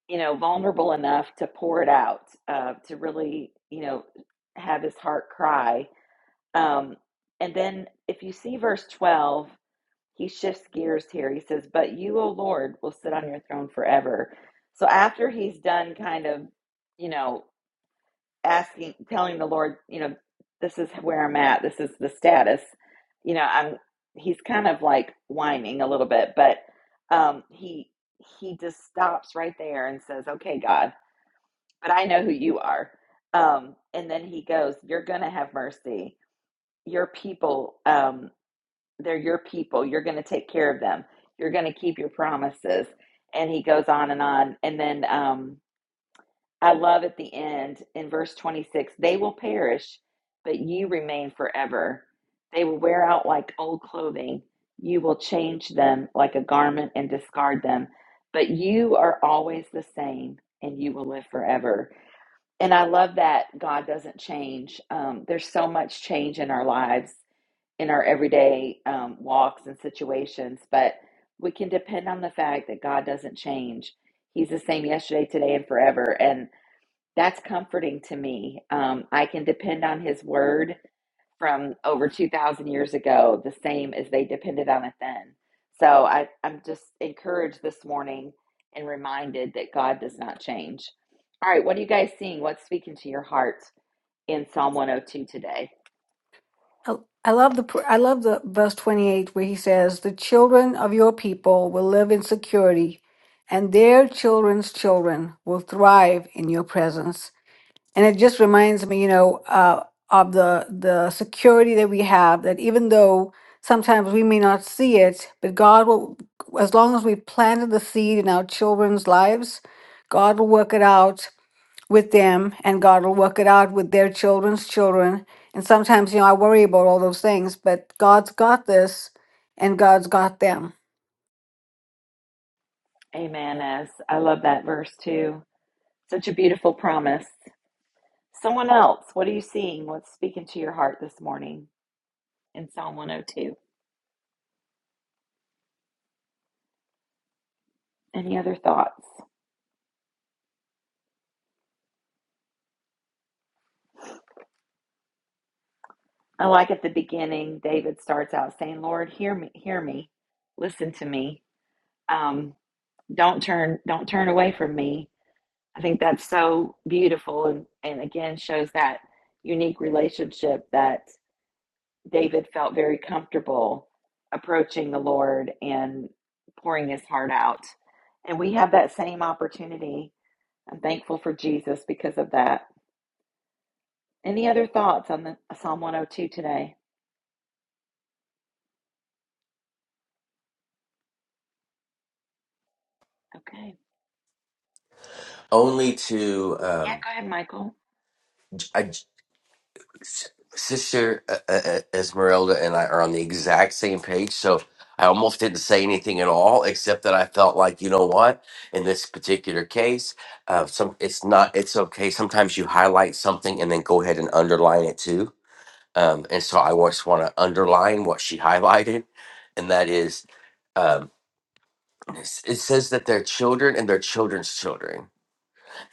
Speaker 1: you know, vulnerable enough to pour it out, uh, to really, you know, have his heart cry. Um, and then if you see verse 12, he shifts gears here. He says, But you, O Lord, will sit on your throne forever. So after he's done kind of, you know, asking, telling the Lord, you know, this is where I'm at, this is the status, you know, I'm, he's kind of like whining a little bit, but um, he, he just stops right there and says, Okay, God but I know who you are. Um, and then he goes, You're going to have mercy. Your people, um, they're your people. You're going to take care of them. You're going to keep your promises. And he goes on and on. And then um, I love at the end in verse 26 they will perish, but you remain forever. They will wear out like old clothing. You will change them like a garment and discard them. But you are always the same, and you will live forever. And I love that God doesn't change. Um, there's so much change in our lives, in our everyday um, walks and situations, but we can depend on the fact that God doesn't change. He's the same yesterday, today, and forever. And that's comforting to me. Um, I can depend on His word from over 2,000 years ago the same as they depended on it then. So I, I'm just encouraged this morning and reminded that God does not change. All right, what are you guys seeing? What's speaking to your heart in Psalm 102 today?
Speaker 3: I I love the pr- I love the verse 28 where he says, "The children of your people will live in security, and their children's children will thrive in your presence." And it just reminds me, you know, uh, of the the security that we have. That even though sometimes we may not see it, but God will, as long as we planted the seed in our children's lives, God will work it out with them, and God will work it out with their children's children. And sometimes, you know, I worry about all those things, but God's got this, and God's got them.
Speaker 1: Amen. As I love that verse too. Such a beautiful promise. Someone else, what are you seeing? What's speaking to your heart this morning in Psalm 102? Any other thoughts? I like at the beginning, David starts out saying, Lord, hear me, hear me, listen to me. Um, don't turn, don't turn away from me. I think that's so beautiful and, and again shows that unique relationship that David felt very comfortable approaching the Lord and pouring his heart out. And we have that same opportunity I'm thankful for Jesus because of that. Any other thoughts on the Psalm 102 today? Okay.
Speaker 9: only to
Speaker 1: Yeah,
Speaker 9: um
Speaker 1: go ahead, Michael.
Speaker 9: i j- S- sister uh, uh, uh, esmeralda and i are on the exact same page so i almost didn't say anything at all except that i felt like you know what in this particular case uh some it's not it's okay sometimes you highlight something and then go ahead and underline it too um and so i just want to underline what she [laughs] highlighted and that is um it says that their children and their children's children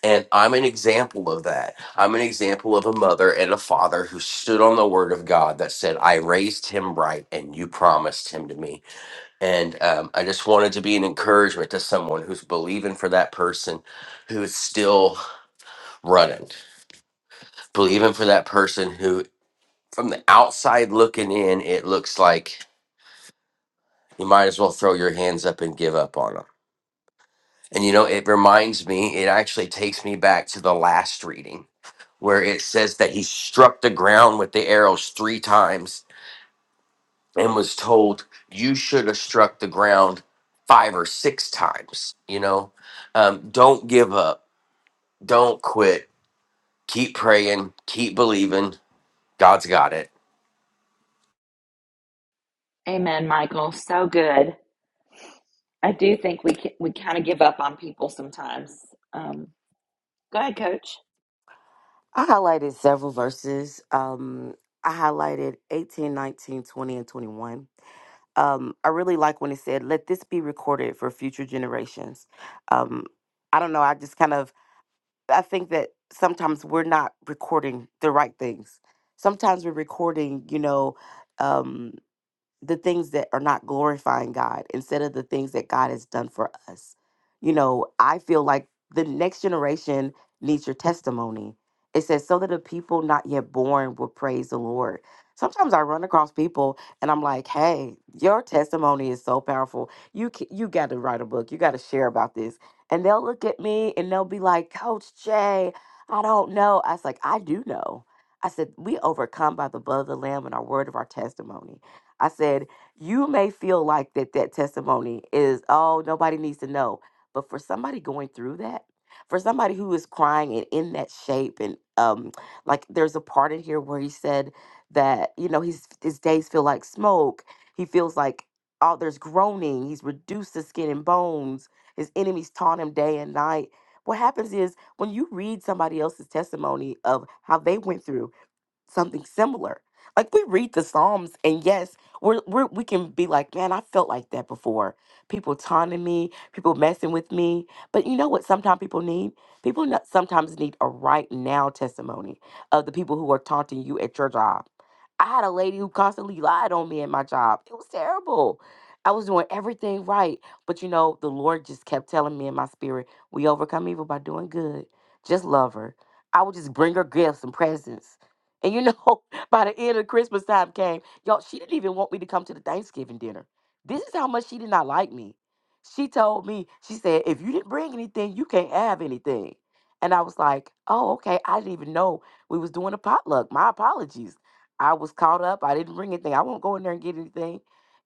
Speaker 9: And I'm an example of that. I'm an example of a mother and a father who stood on the word of God that said, I raised him right and you promised him to me. And um, I just wanted to be an encouragement to someone who's believing for that person who is still running, believing for that person who, from the outside looking in, it looks like you might as well throw your hands up and give up on them. And you know, it reminds me, it actually takes me back to the last reading where it says that he struck the ground with the arrows three times and was told, You should have struck the ground five or six times. You know, um, don't give up, don't quit, keep praying, keep believing. God's got it.
Speaker 1: Amen, Michael. So good. I do think we can, we kind of give up on people sometimes. Um, go ahead, Coach.
Speaker 5: I highlighted several verses. Um, I highlighted 18, 19, twenty, and 21 um, I really like when it said, "Let this be recorded for future generations." Um, I don't know. I just kind of I think that sometimes we're not recording the right things. Sometimes we're recording, you know, um, the things that are not glorifying God instead of the things that God has done for us. You know, I feel like the next generation needs your testimony. It says, so that the people not yet born will praise the Lord. Sometimes I run across people and I'm like, hey, your testimony is so powerful. You ca- you got to write a book. You got to share about this. And they'll look at me and they'll be like, Coach Jay, I don't know. I was like, I do know. I said, we overcome by the blood of the Lamb and our word of our testimony. I said, you may feel like that that testimony is, oh, nobody needs to know. But for somebody going through that, for somebody who is crying and in that shape, and um, like there's a part in here where he said that, you know, his his days feel like smoke. He feels like all there's groaning, he's reduced to skin and bones, his enemies taunt him day and night. What happens is when you read somebody else's testimony of how they went through, something similar. Like we read the Psalms, and yes, we're, we're we can be like, man, I felt like that before. People taunting me, people messing with me. But you know what? Sometimes people need people not, sometimes need a right now testimony of the people who are taunting you at your job. I had a lady who constantly lied on me at my job. It was terrible. I was doing everything right, but you know, the Lord just kept telling me in my spirit, we overcome evil by doing good. Just love her. I would just bring her gifts and presents and you know, [laughs] by the end of Christmas time came, y'all, she didn't even want me to come to the Thanksgiving dinner. This is how much she did not like me. She told me, she said, if you didn't bring anything, you can't have anything. And I was like, oh, okay. I didn't even know we was doing a potluck. My apologies. I was caught up. I didn't bring anything. I won't go in there and get anything.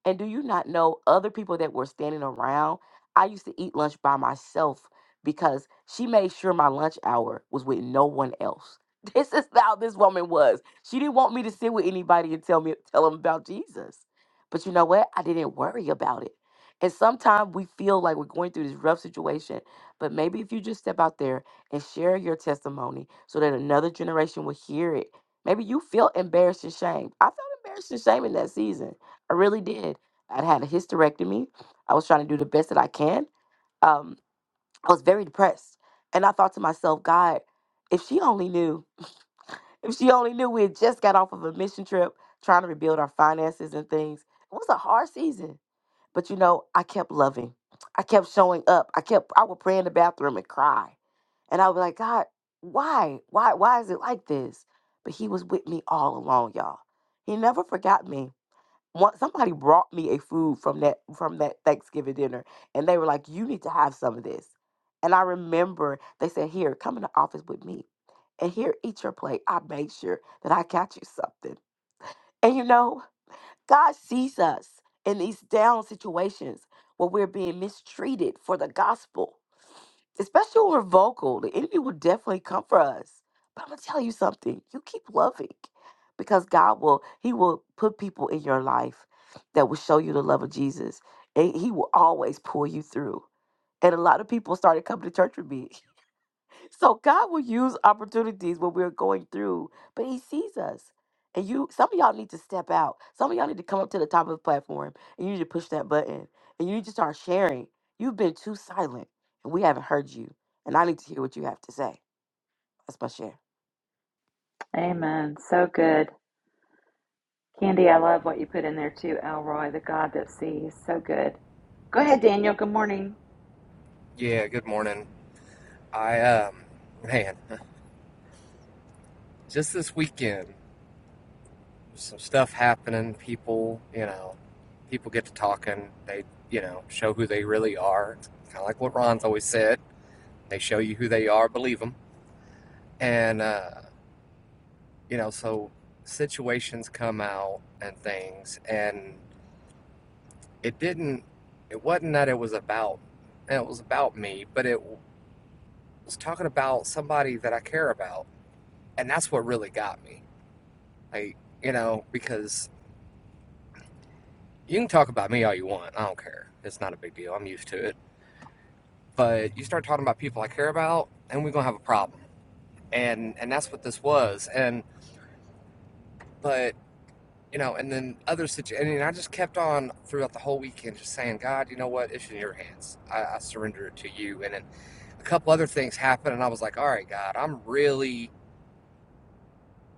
Speaker 5: And do you not know other people that were standing around? I used to eat lunch by myself because she made sure my lunch hour was with no one else it's just how this woman was. She didn't want me to sit with anybody and tell me tell them about Jesus. But you know what? I didn't worry about it. And sometimes we feel like we're going through this rough situation, but maybe if you just step out there and share your testimony so that another generation will hear it. Maybe you feel embarrassed and shame. I felt embarrassed and shame in that season. I really did. I'd had a hysterectomy. I was trying to do the best that I can. Um, I was very depressed. And I thought to myself, God, if she only knew if she only knew we had just got off of a mission trip trying to rebuild our finances and things. It was a hard season. But you know, I kept loving. I kept showing up. I kept I would pray in the bathroom and cry. And I was like, God, why? Why why is it like this? But he was with me all along, y'all. He never forgot me one somebody brought me a food from that from that Thanksgiving dinner and they were like, You need to have some of this. And I remember they said, Here, come in the office with me. And here, eat your plate. I made sure that I got you something. And you know, God sees us in these down situations where we're being mistreated for the gospel especially when we're vocal, the enemy will definitely come for us. But I'm gonna tell you something: you keep loving, because God will. He will put people in your life that will show you the love of Jesus, and He will always pull you through. And a lot of people started coming to church with me [laughs] So God will use opportunities when we're going through, but He sees us. And you, some of y'all need to step out. Some of y'all need to come up to the top of the platform, and you need to push that button, and you need to start sharing. You've been too silent, and we haven't heard you. And I need to hear what you have to say. That's my share.
Speaker 1: Amen. So good. Candy, I love what you put in there too, Elroy, the God that sees. So good. Go ahead, Daniel. Good morning.
Speaker 10: Yeah, good morning. I um man, just this weekend some stuff happening, people, you know, people get to talking, they, you know, show who they really are. Kind of like what Ron's always said, they show you who they are, believe them. And uh, you know, so situations come out and things and it didn't it wasn't that it was about and it was about me, but it was talking about somebody that I care about. And that's what really got me Like, you know, because you can talk about me all you want. I don't care. It's not a big deal. I'm used to it. But you start talking about people I care about, and we're gonna have a problem. And and that's what this was. And but you know, and then other situations. And I just kept on throughout the whole weekend, just saying, God, you know what? It's in your hands. I, I surrender it to you. And then a couple other things happened, and I was like, All right, God, I'm really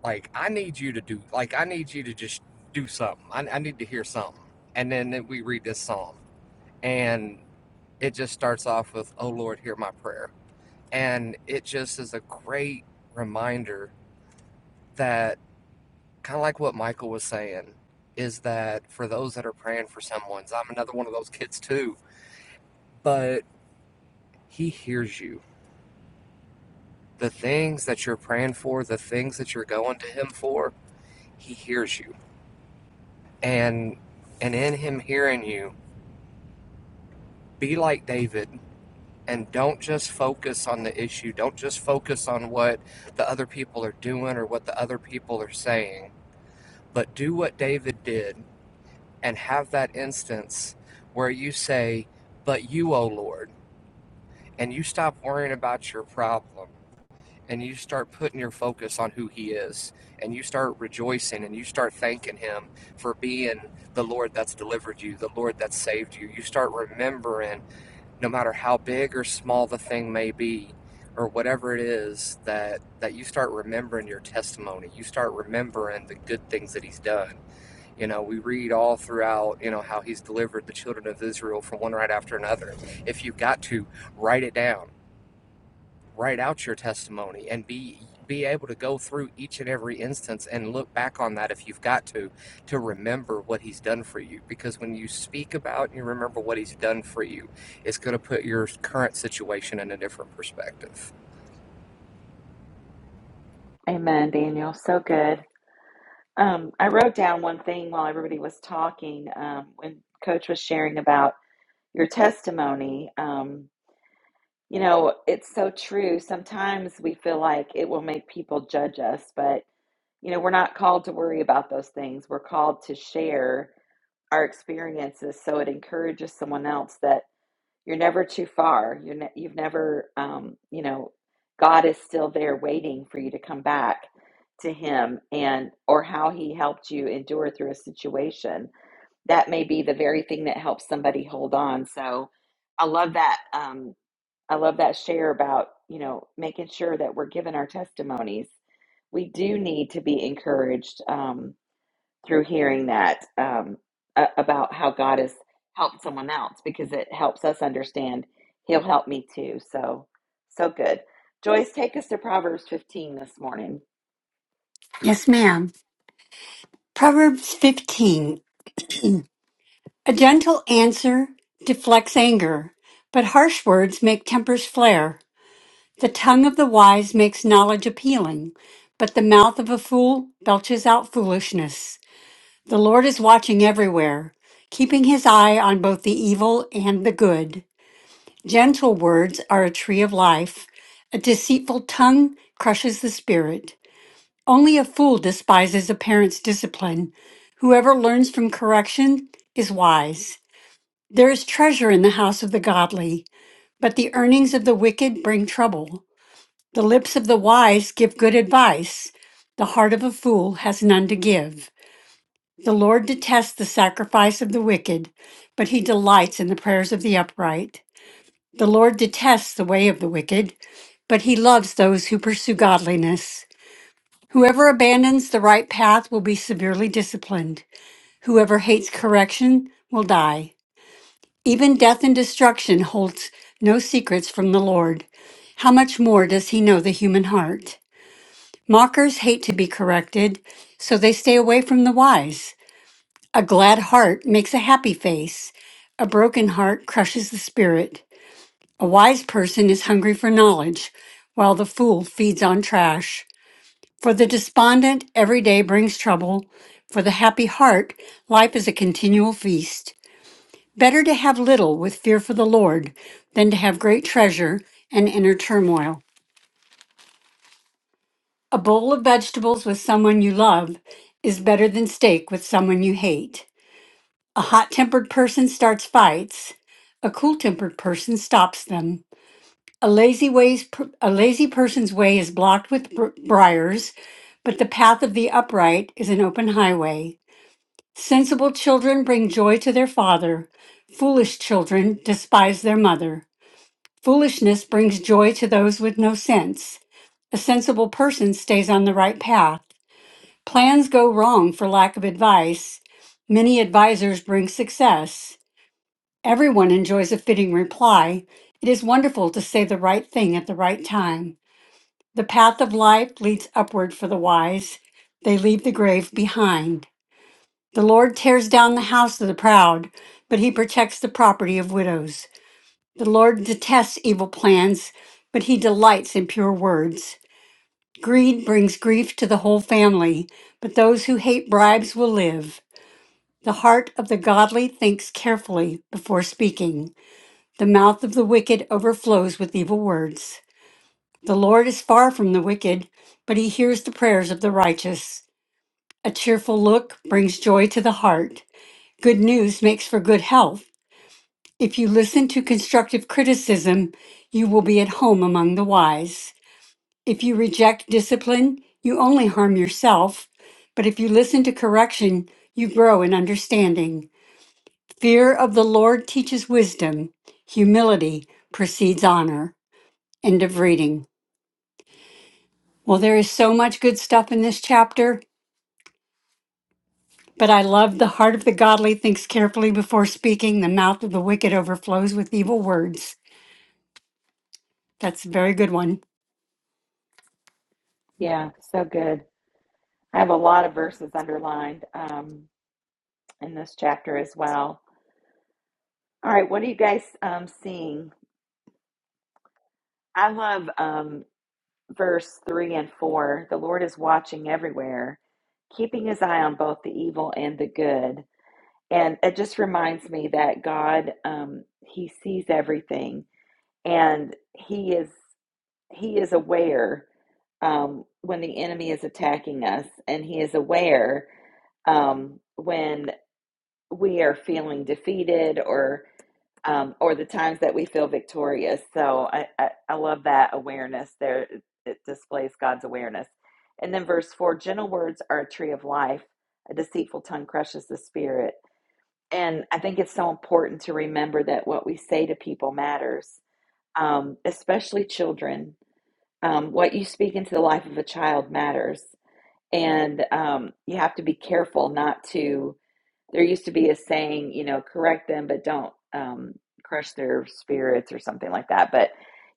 Speaker 10: like I need you to do like I need you to just do something. I, I need to hear something. And then then we read this psalm, and it just starts off with, Oh Lord, hear my prayer. And it just is a great reminder that, kind of like what Michael was saying, is that for those that are praying for someone, I'm another one of those kids too, but he hears you. The things that you're praying for, the things that you're going to him for, he hears you. And and in him hearing you, be like David and don't just focus on the issue. Don't just focus on what the other people are doing or what the other people are saying, but do what David did and have that instance where you say, But you, O Lord, and you stop worrying about your problem and you start putting your focus on who He is and you start rejoicing and you start thanking Him for being the Lord that's delivered you, the Lord that saved you. You start remembering no matter how big or small the thing may be or whatever it is that that you start remembering your testimony you start remembering the good things that he's done you know we read all throughout you know how he's delivered the children of israel from one right after another if you've got to write it down write out your testimony and be be able to go through each and every instance and look back on that if you've got to to remember what he's done for you because when you speak about and you remember what he's done for you it's going to put your current situation in a different perspective
Speaker 1: Amen, Daniel. So good. Um, I wrote down one thing while everybody was talking um, when Coach was sharing about your testimony. Um, you know, it's so true. Sometimes we feel like it will make people judge us, but, you know, we're not called to worry about those things. We're called to share our experiences so it encourages someone else that you're never too far. You're ne- you've never, um, you know, God is still there waiting for you to come back to Him and or how He helped you endure through a situation that may be the very thing that helps somebody hold on. So I love that. Um, I love that share about, you know, making sure that we're giving our testimonies. We do need to be encouraged um, through hearing that um, a- about how God has helped someone else because it helps us understand He'll help me too. So, so good. Joyce, take us to Proverbs 15 this morning.
Speaker 11: Yes, ma'am. Proverbs 15. A gentle answer deflects anger, but harsh words make tempers flare. The tongue of the wise makes knowledge appealing, but the mouth of a fool belches out foolishness. The Lord is watching everywhere, keeping his eye on both the evil and the good. Gentle words are a tree of life. A deceitful tongue crushes the spirit. Only a fool despises a parent's discipline. Whoever learns from correction is wise. There is treasure in the house of the godly, but the earnings of the wicked bring trouble. The lips of the wise give good advice. The heart of a fool has none to give. The Lord detests the sacrifice of the wicked, but he delights in the prayers of the upright. The Lord detests the way of the wicked, but he loves those who pursue godliness. Whoever abandons the right path will be severely disciplined. Whoever hates correction will die. Even death and destruction holds no secrets from the Lord. How much more does he know the human heart? Mockers hate to be corrected, so they stay away from the wise. A glad heart makes a happy face. A broken heart crushes the spirit. A wise person is hungry for knowledge, while the fool feeds on trash. For the despondent, every day brings trouble. For the happy heart, life is a continual feast. Better to have little with fear for the Lord than to have great treasure and inner turmoil. A bowl of vegetables with someone you love is better than steak with someone you hate. A hot tempered person starts fights. A cool tempered person stops them. A lazy, ways, a lazy person's way is blocked with br- briars, but the path of the upright is an open highway. Sensible children bring joy to their father. Foolish children despise their mother. Foolishness brings joy to those with no sense. A sensible person stays on the right path. Plans go wrong for lack of advice. Many advisors bring success. Everyone enjoys a fitting reply. It is wonderful to say the right thing at the right time. The path of life leads upward for the wise. They leave the grave behind. The Lord tears down the house of the proud, but he protects the property of widows. The Lord detests evil plans, but he delights in pure words. Greed brings grief to the whole family, but those who hate bribes will live. The heart of the godly thinks carefully before speaking. The mouth of the wicked overflows with evil words. The Lord is far from the wicked, but he hears the prayers of the righteous. A cheerful look brings joy to the heart. Good news makes for good health If you listen to constructive criticism, you will be at home among the wise. If you reject discipline, you only harm yourself. But if you listen to correction, you grow in understanding. Fear of the Lord teaches wisdom. Humility precedes honor. End of reading. Well, there is so much good stuff in this chapter, but I love the heart of the godly thinks carefully before speaking, the mouth of the wicked overflows with evil words. That's a very good one.
Speaker 1: Yeah, so good. I have a lot of verses underlined um, in this chapter as well. All right, what are you guys um, seeing? I love um, verse 3 and 4. The Lord is watching everywhere, keeping his eye on both the evil and the good. And it just reminds me that God, um, he sees everything and he is he is aware um, when the enemy is attacking us and he is aware um, when we are feeling defeated or. um, or the times that we feel victorious. So I, I, I love that awareness there. It, it displays God's awareness. And then verse four gentle words are a tree of life, a deceitful tongue crushes the spirit. And I think it's so important to remember that what we say to people matters, um, especially children. Um, what you speak into the life of a child matters. And um, you have to be careful not to there used to be a saying, you know, correct them, but don't um, crush their spirits or something like that. But,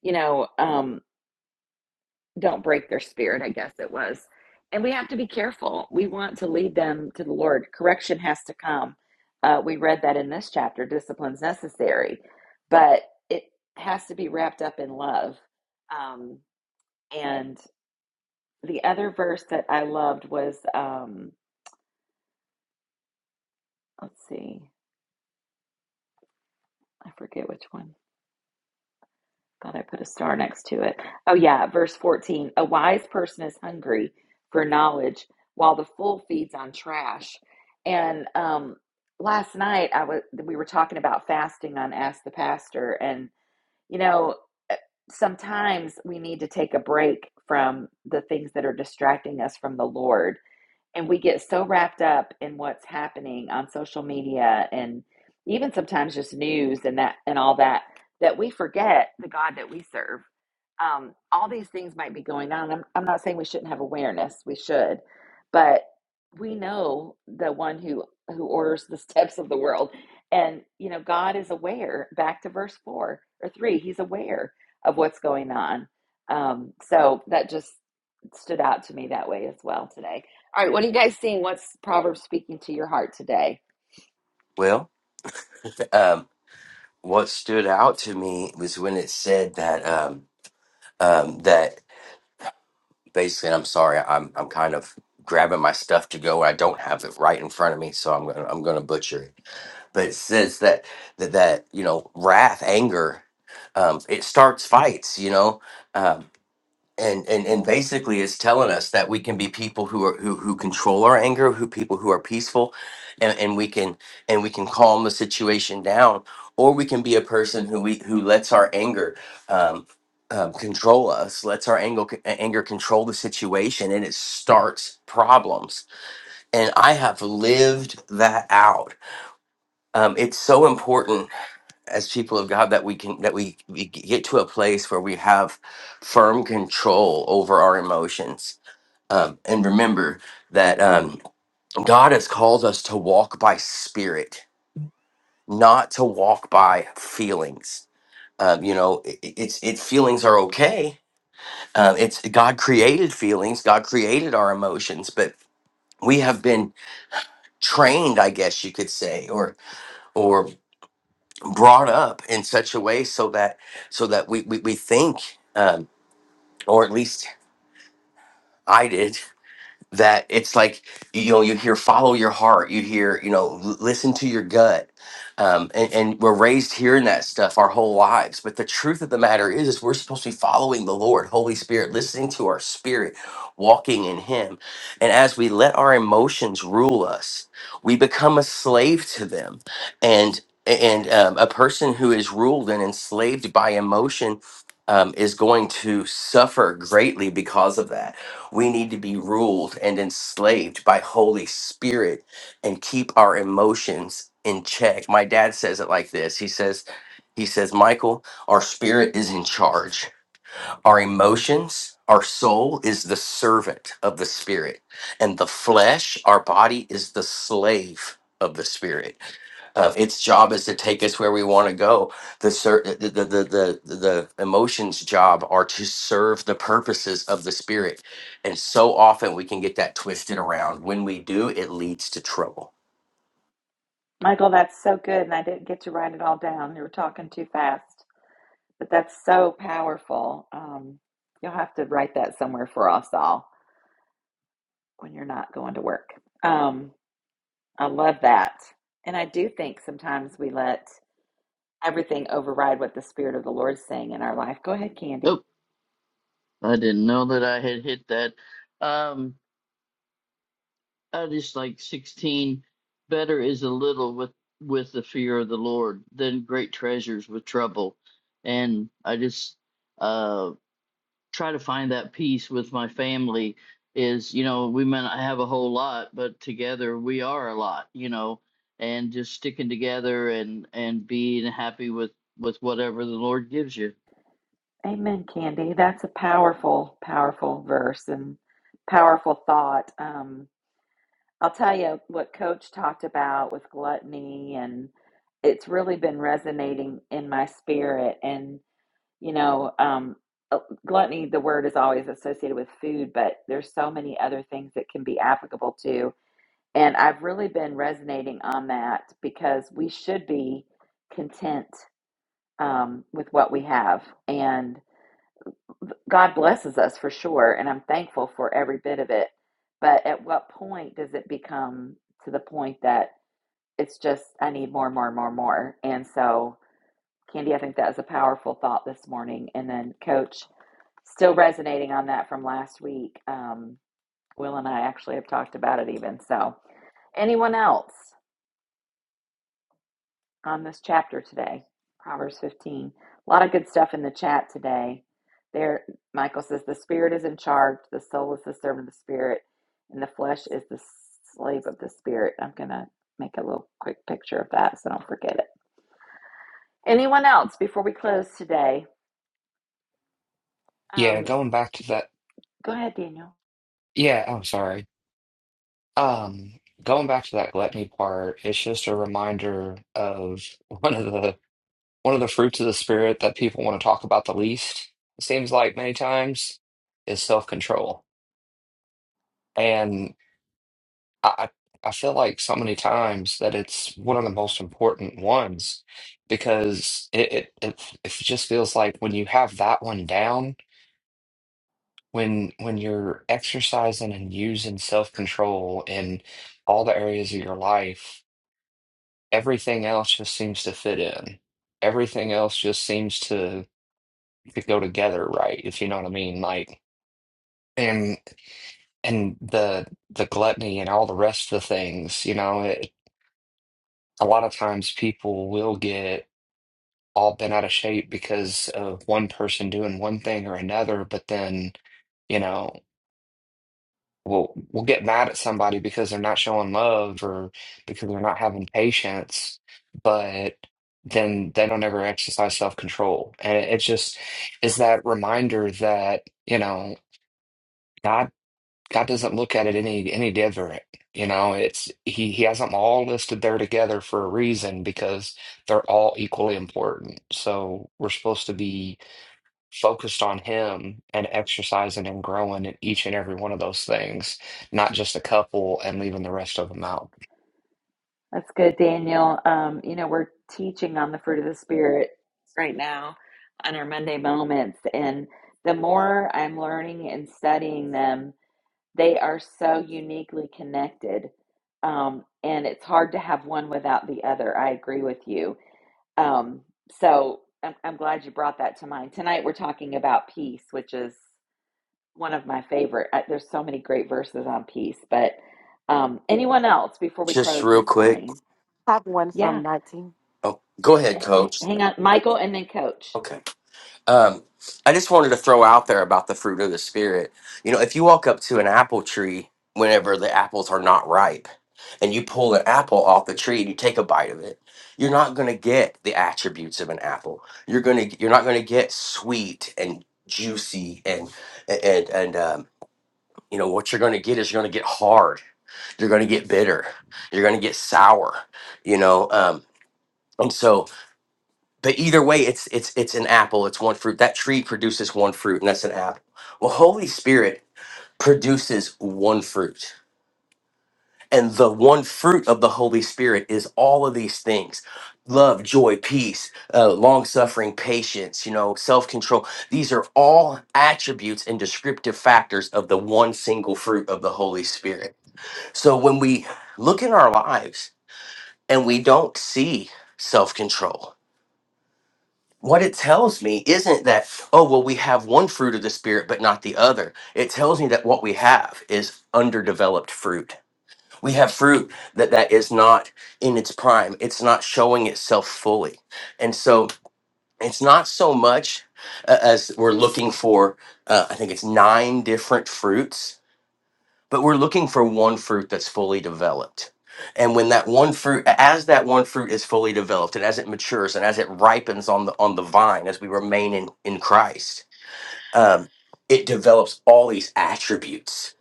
Speaker 1: you know, um, don't break their spirit, I guess it was. And we have to be careful. We want to lead them to the Lord. Correction has to come. Uh, we read that in this chapter discipline's necessary, but it has to be wrapped up in love. Um, and the other verse that I loved was, um, let's see, I forget which one. Thought I put a star next to it. Oh, yeah, verse 14. A wise person is hungry for knowledge while the fool feeds on trash. And um, last night I was we were talking about fasting on Ask the Pastor and you know eh, sometimes we need to take a break from the things that are distracting us from the Lord and we get so wrapped up in what's happening on social media and even sometimes just news and that and all that that we forget the God that we serve um, all these things might be going on. I'm, I'm not saying we shouldn't have awareness. We should, but we know the one who who orders the [laughs] steps of the world, and you know God is aware. Back to verse four or three, He's aware of what's going on. Um, so that just stood out to me that way as well today. All right, what are you guys seeing? What's Proverbs speaking to your heart today?
Speaker 9: Well, um, what stood out to me was when it said that, um, um, that basically, and I'm sorry, I'm, I'm kind of grabbing my stuff to go. I don't have it right in front of me, so I'm gonna, I'm gonna butcher it but it says that that, that you know wrath anger um, it starts fights you know um, and, and and basically it's telling us that we can be people who are who, who control our anger who people who are peaceful and, and we can and we can calm the situation down or we can be a person who we who lets our anger um, um, control us lets our anger anger control the situation and it starts problems and i have lived that out um, it's so important as people of God that we can that we, we get to a place where we have firm control over our emotions. Um, and remember that um, God has called us to walk by spirit, not to walk by feelings. Um, you know, it, it's it feelings are okay. Uh, it's God created feelings. God created our emotions, but we have been trained, I guess you could say, or or brought up in such a way so that so that we we, we think um, or at least i did [laughs] that it's like you know you hear follow your heart you hear you know l- listen to your gut um, and, and we're raised hearing that stuff our whole lives but the truth of the matter is, is we're supposed to be following the lord holy spirit listening to our spirit walking in him and as we let our emotions rule us we become a slave to them and and um, a person who is ruled and enslaved by emotion um, is going to suffer greatly because of that we need to be ruled and enslaved by Holy Spirit and keep our emotions in check. My dad says it like this. He says, he says, Michael, our spirit is in charge. Our emotions, our soul is the servant of the spirit, and the flesh, our body is the slave of the spirit uh, its job is to take us where we want to go. The, ser- the, the the the the emotions job are to serve the purposes of the spirit, and so often we can get that twisted around. When we do, it leads to trouble.
Speaker 1: Michael, that's so good, and I didn't get to write it all down. You were talking too fast. But that's so powerful. Um, you'll have to write that somewhere for us all when you're not going to work. Um, I love that. And I do think sometimes we let everything override what the Spirit of the Lord is saying in our life. Go ahead,
Speaker 4: Nope.
Speaker 1: Candy.
Speaker 4: I didn't know that I had hit that. Um, I just like 16. Better is a little with with the fear of the Lord than great treasures with trouble. And I just uh try to find that peace with my family is, you know, we may not have a whole lot, but together we are a lot, you know, and just sticking together and and being happy with with whatever the Lord gives you.
Speaker 1: Amen, Candy. That's a powerful, powerful verse and powerful thought. Um, I'll tell you what Coach talked about with gluttony, and it's really been resonating in my spirit. And, you know, um, uh, gluttony, the word is always associated with food, but there's so many other things that can be applicable to. And I've really been resonating on that because we should be content um, with what we have. And God blesses us for sure. And I'm thankful for every bit of it. But at what point does it become to the point that it's just I need more, more, more, more. And so, Candy, I think that was a powerful thought this morning. And then, Coach, still resonating on that from last week. Um, Will and I actually have talked about it even. So, anyone else on this chapter today? Proverbs 15. A lot of good stuff in the chat today. There, Michael says, the spirit is in charge, the soul is the servant of the spirit, and the flesh is the slave of the spirit. I'm going to make a little quick picture of that so I don't forget it. Anyone else before we close today?
Speaker 10: Yeah,
Speaker 1: Um,
Speaker 10: that,
Speaker 1: go ahead, Daniel.
Speaker 10: yeah, I'm sorry. Um, going back, let me point just a reminder of [laughs] one of the one of the spirit that people want to talk about the least, it seems like many times, is self-control. and. I I I feel like so many times that it's one of the most important ones because it it it, it just feels like when you have that one down, when when you're exercising and using self-control in all the areas of your life, everything else just seems to fit in. Everything else just seems to to go together right, if you know what I mean. Like and and the the gluttony and all the rest of the things, you know, it, a lot of times people will get all bent out of shape because of one person doing one thing or another, but then, you know, we'll we'll get mad at somebody because they're not showing love or because they're not having patience, but then they don't ever exercise self-control. And it, it just is that reminder that, you know, God God doesn't look at it any any different. You know, it's he he has them all listed there together for a reason because they're all equally important. So we're supposed to be focused on him and exercising and growing in each and every one of those things, not just a couple and leaving the rest of them out.
Speaker 1: That's good, Daniel. Um, you know, we're teaching on the fruit of the Spirit right now on our Monday moments. And the more I'm learning and studying them, they are so uniquely connected. Um, and it's hard to have one without the other. I agree with you. Um, so I'm, I'm glad you brought that to mind. Tonight, we're talking about peace, which is one of my favorite. I, there's so many great verses on peace, but um, anyone else before we
Speaker 9: Just
Speaker 1: close
Speaker 9: real
Speaker 1: this
Speaker 9: quick.
Speaker 1: morning?
Speaker 5: Top one from
Speaker 1: Yeah,
Speaker 5: nineteen.
Speaker 9: Oh, go ahead,
Speaker 1: h-
Speaker 9: Coach.
Speaker 1: hang on, Michael, and then Coach.
Speaker 9: Okay. Um, I just wanted to throw out there about the fruit of the spirit. You know, if you walk up to an apple tree whenever the apples are not ripe, and you pull an apple off the tree and you take a bite of it, you're not going to get the attributes of an apple. You're going to you're not going to get sweet and juicy and and and um, you know what you're going to get is you're going to get hard. You're going to get bitter. You're going to get sour. You know, um, and so but either way, it's it's it's an apple. It's one fruit. That tree produces one fruit, and that's an apple. Well, Holy Spirit produces one fruit, and the one fruit of the Holy Spirit is all of these things: love, joy, peace, uh, long suffering, patience. You know, self control. These are all attributes and descriptive factors of the one single fruit of the Holy Spirit. So when we look in our lives and we don't see self control what it tells me isn't that oh well we have one fruit of the spirit but not the other it tells me that what we have is underdeveloped fruit we have fruit that that is not in its prime it's not showing itself fully and so it's not so much uh, as we're looking for uh, i think it's nine different fruits but we're looking for one fruit that's fully developed. And when that one fruit, as that one fruit is fully developed, and as it matures, and as it ripens on the on the vine, as we remain in in Christ, um, it develops all these attributes,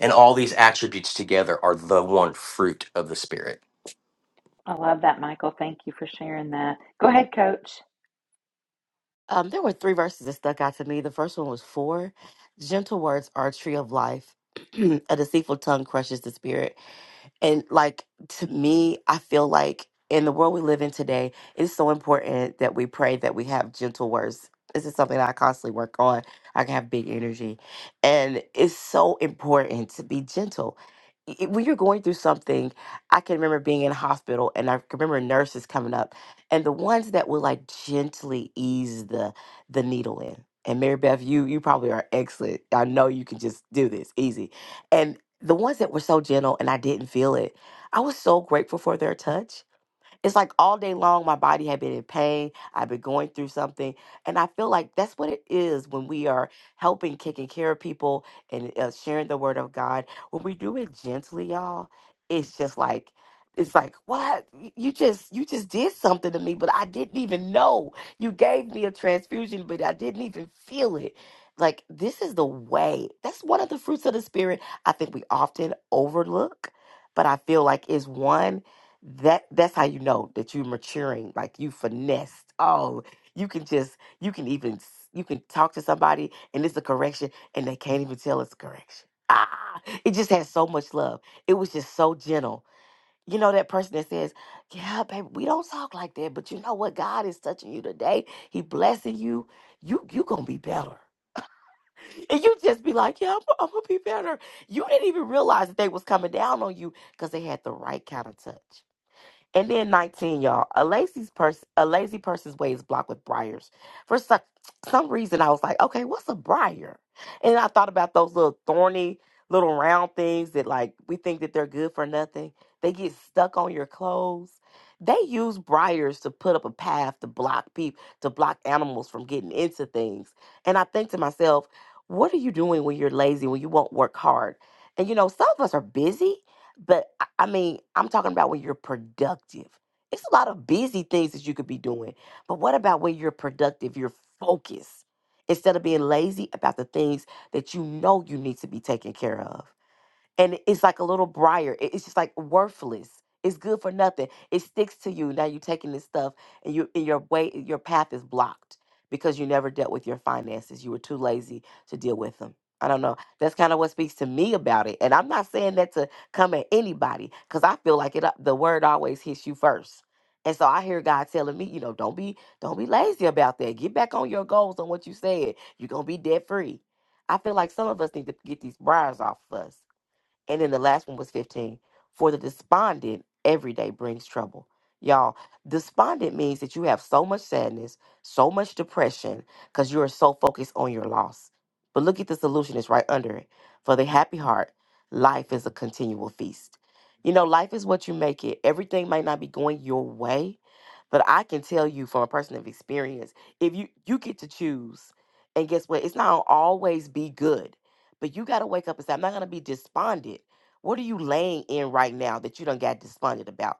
Speaker 9: and all these attributes together are the one fruit of the Spirit.
Speaker 1: I love that, Michael. Thank you for sharing that. Go ahead, Coach.
Speaker 5: Um, there were three verses that stuck out to me. The first one was four. Gentle words are a tree of life. [clears throat] a deceitful tongue crushes the spirit. And like to me, I feel like in the world we live in today, it's so important that we pray that we have gentle words. This is something that I constantly work on. I can have big energy. And it's so important to be gentle. I- I- When you're going through something, I can remember being in hospital and I can remember nurses coming up and the ones that would like gently ease the the needle in. And Mary Beth, you you probably are excellent. I know you can just do this easy and the ones that were so gentle and I didn't feel it, I was so grateful for their touch it's like all day long, my body had been in pain. I've been going through something. And I feel like that's what it is when we are helping, taking care of people, and uh, sharing the word of God. When we do it gently, y'all, it's just like, it's like what Y- you just you just did something to me but i didn't even know you gave me a transfusion but i didn't even feel it like this is the way that's one of the fruits of the spirit i think we often overlook but i feel like is one that that's how you know that you're maturing like you finessed oh you can just you can even s- you can talk to somebody and it's a correction and they can't even tell it's a correction ah it just has so much love it was just so gentle you know that person that says yeah baby we don't talk like that but you know what god is touching you today he blessing you you you gonna be better and you just be like yeah i'm, I'm gonna be better you didn't even realize that they was coming down on you because they had the right kind of touch and then 19, y'all. A lazy person a lazy person's way is blocked with briars. For some, some reason I was like, okay, what's a briar? And I thought about those little thorny little round things that like we think that they're good for nothing. They get stuck on your clothes. They use briars to put up a path to block people to block animals from getting into things. And I think to myself, what are you doing when you're lazy, when you won't work hard? And you know, some of us are busy, but I mean, I'm talking about when you're productive. It's a lot of busy things that you could be doing, but what about when you're productive, you're focused, instead of being lazy about the things that you know you need to be taking care of? and it's like a little briar. It- It's just like worthless. It's good for nothing. It sticks to you. Now you're taking this stuff, and you and your way, your path is blocked because you never dealt with your finances. You were too lazy to deal with them. I don't know. That's kind of what speaks to me about it. And I'm not saying that to come at anybody because I feel like it. uh, The word always hits you first. And so I hear God telling me, you know, don't be don't be lazy about that. Get back on your goals on what you said. You're gonna be debt free. I feel like some of us need to get these briars off of us and then the last one was 15. For the despondent, every day brings trouble. Y'all, despondent means that you have so much sadness, so much depression, because you are so focused on your loss. But look at the solution, it's right under it. For the happy heart, life is a continual feast. You know, life is what you make it. Everything might not be going your way, but I can tell you from a person of experience, if you you get to choose, and guess what? It's not always be good but you got to wake up and say, I'm not going to be despondent. What are you laying in right now that you done got despondent about?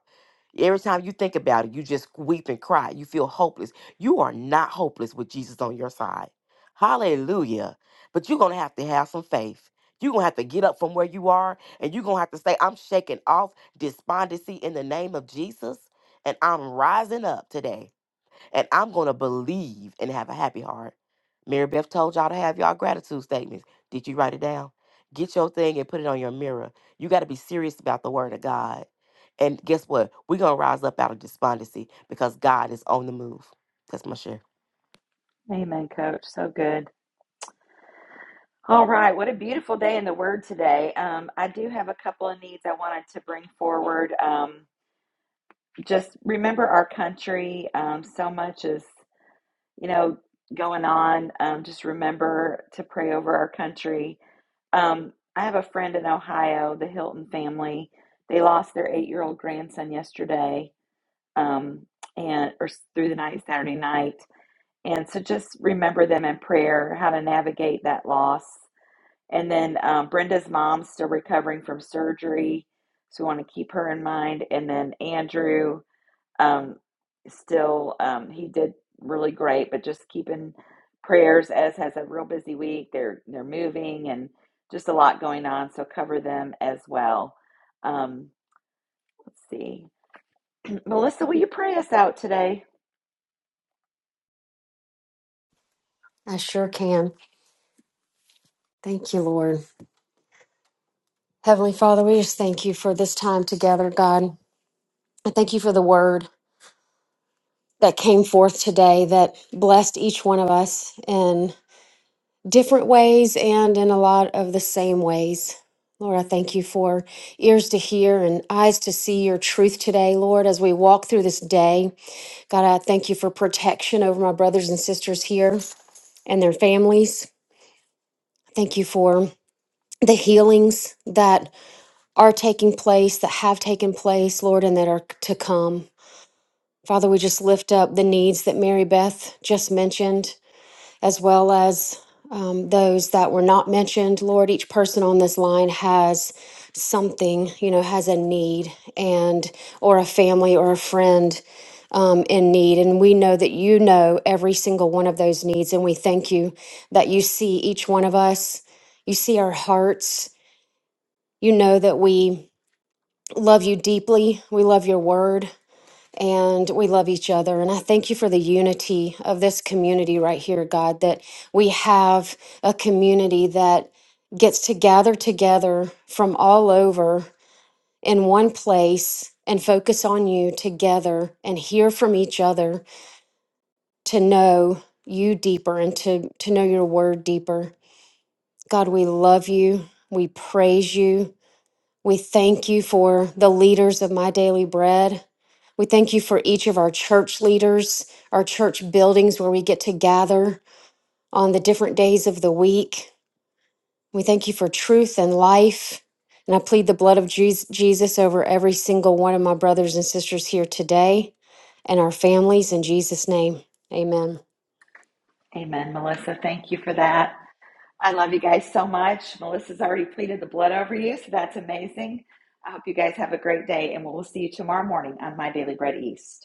Speaker 5: Every time you think about it, you just weep and cry. You feel hopeless. You are not hopeless with Jesus on your side. Hallelujah. But you're going to have to have some faith. You're going to have to get up from where you are and you're going to have to say, I'm shaking off despondency in the name of Jesus and I'm rising up today and I'm going to believe and have a happy heart. Mary Beth told y'all to have y'all gratitude statements. Did you write it down? Get your thing and put it on your mirror. You got to be serious about the word of God. And guess what? We're going to rise up out of despondency because God is on the move. That's my share.
Speaker 1: Amen, Coach. So good. All right, what a beautiful day in the Word today. Um, I do have a couple of needs I wanted to bring forward. Um, just remember our country. Um, so much is. you know, going on. Um, just remember to pray over our country. Um, I have a friend in Ohio, the Hilton family. They lost their eight-year-old grandson yesterday, um, and or s- through the night, Saturday night. And so just remember them in prayer, how to navigate that loss. And then um, Brenda's mom's still recovering from surgery, so we want to keep her in mind. And then Andrew. Um, still, um, he did really great, but just keeping prayers as has a real busy week. They're they're moving and just a lot going on, so cover them as well. Um, let's see, Melissa, will you pray us out today?
Speaker 2: I sure can. Thank you, Lord. Heavenly Father, we just thank you for this time together, God. I thank you for the word. that came forth today that blessed each one of us in different ways and in a lot of the same ways. Lord, I thank you for ears to hear and eyes to see your truth today, Lord, as we walk through this day. God, I thank you for protection over my brothers and sisters here and their families. Thank you for the healings that are taking place, that have taken place, Lord, and that are to come. Father, we just lift up the needs that Mary Beth just mentioned as well as um, those that were not mentioned. Lord, each person on this line has something, you know, has a need and or a family or a friend um, in need. And we know that you know every single one of those needs. And we thank you that you see each one of us. You see our hearts. You know that we love you deeply. We love your word and we love each other. And I thank you for the unity of this community right here, God, that we have a community that gets to gather together from all over in one place and focus on you together and hear from each other to know you deeper and to, to know your word deeper. God, we love you. We praise you. We thank you for the leaders of My Daily Bread. We thank you for each of our church leaders, our church buildings where we get to gather on the different days of the week. We thank you for truth and life. And I plead the blood of Jes- Jesus over every single one of my brothers and sisters here today and our families in Jesus' name. Amen.
Speaker 1: Amen, Melissa. Thank you for that. I love you guys so much. Melissa's already pleaded the blood over you, so that's amazing. I hope you guys have a great day, and we'll see you tomorrow morning on My Daily Bread East.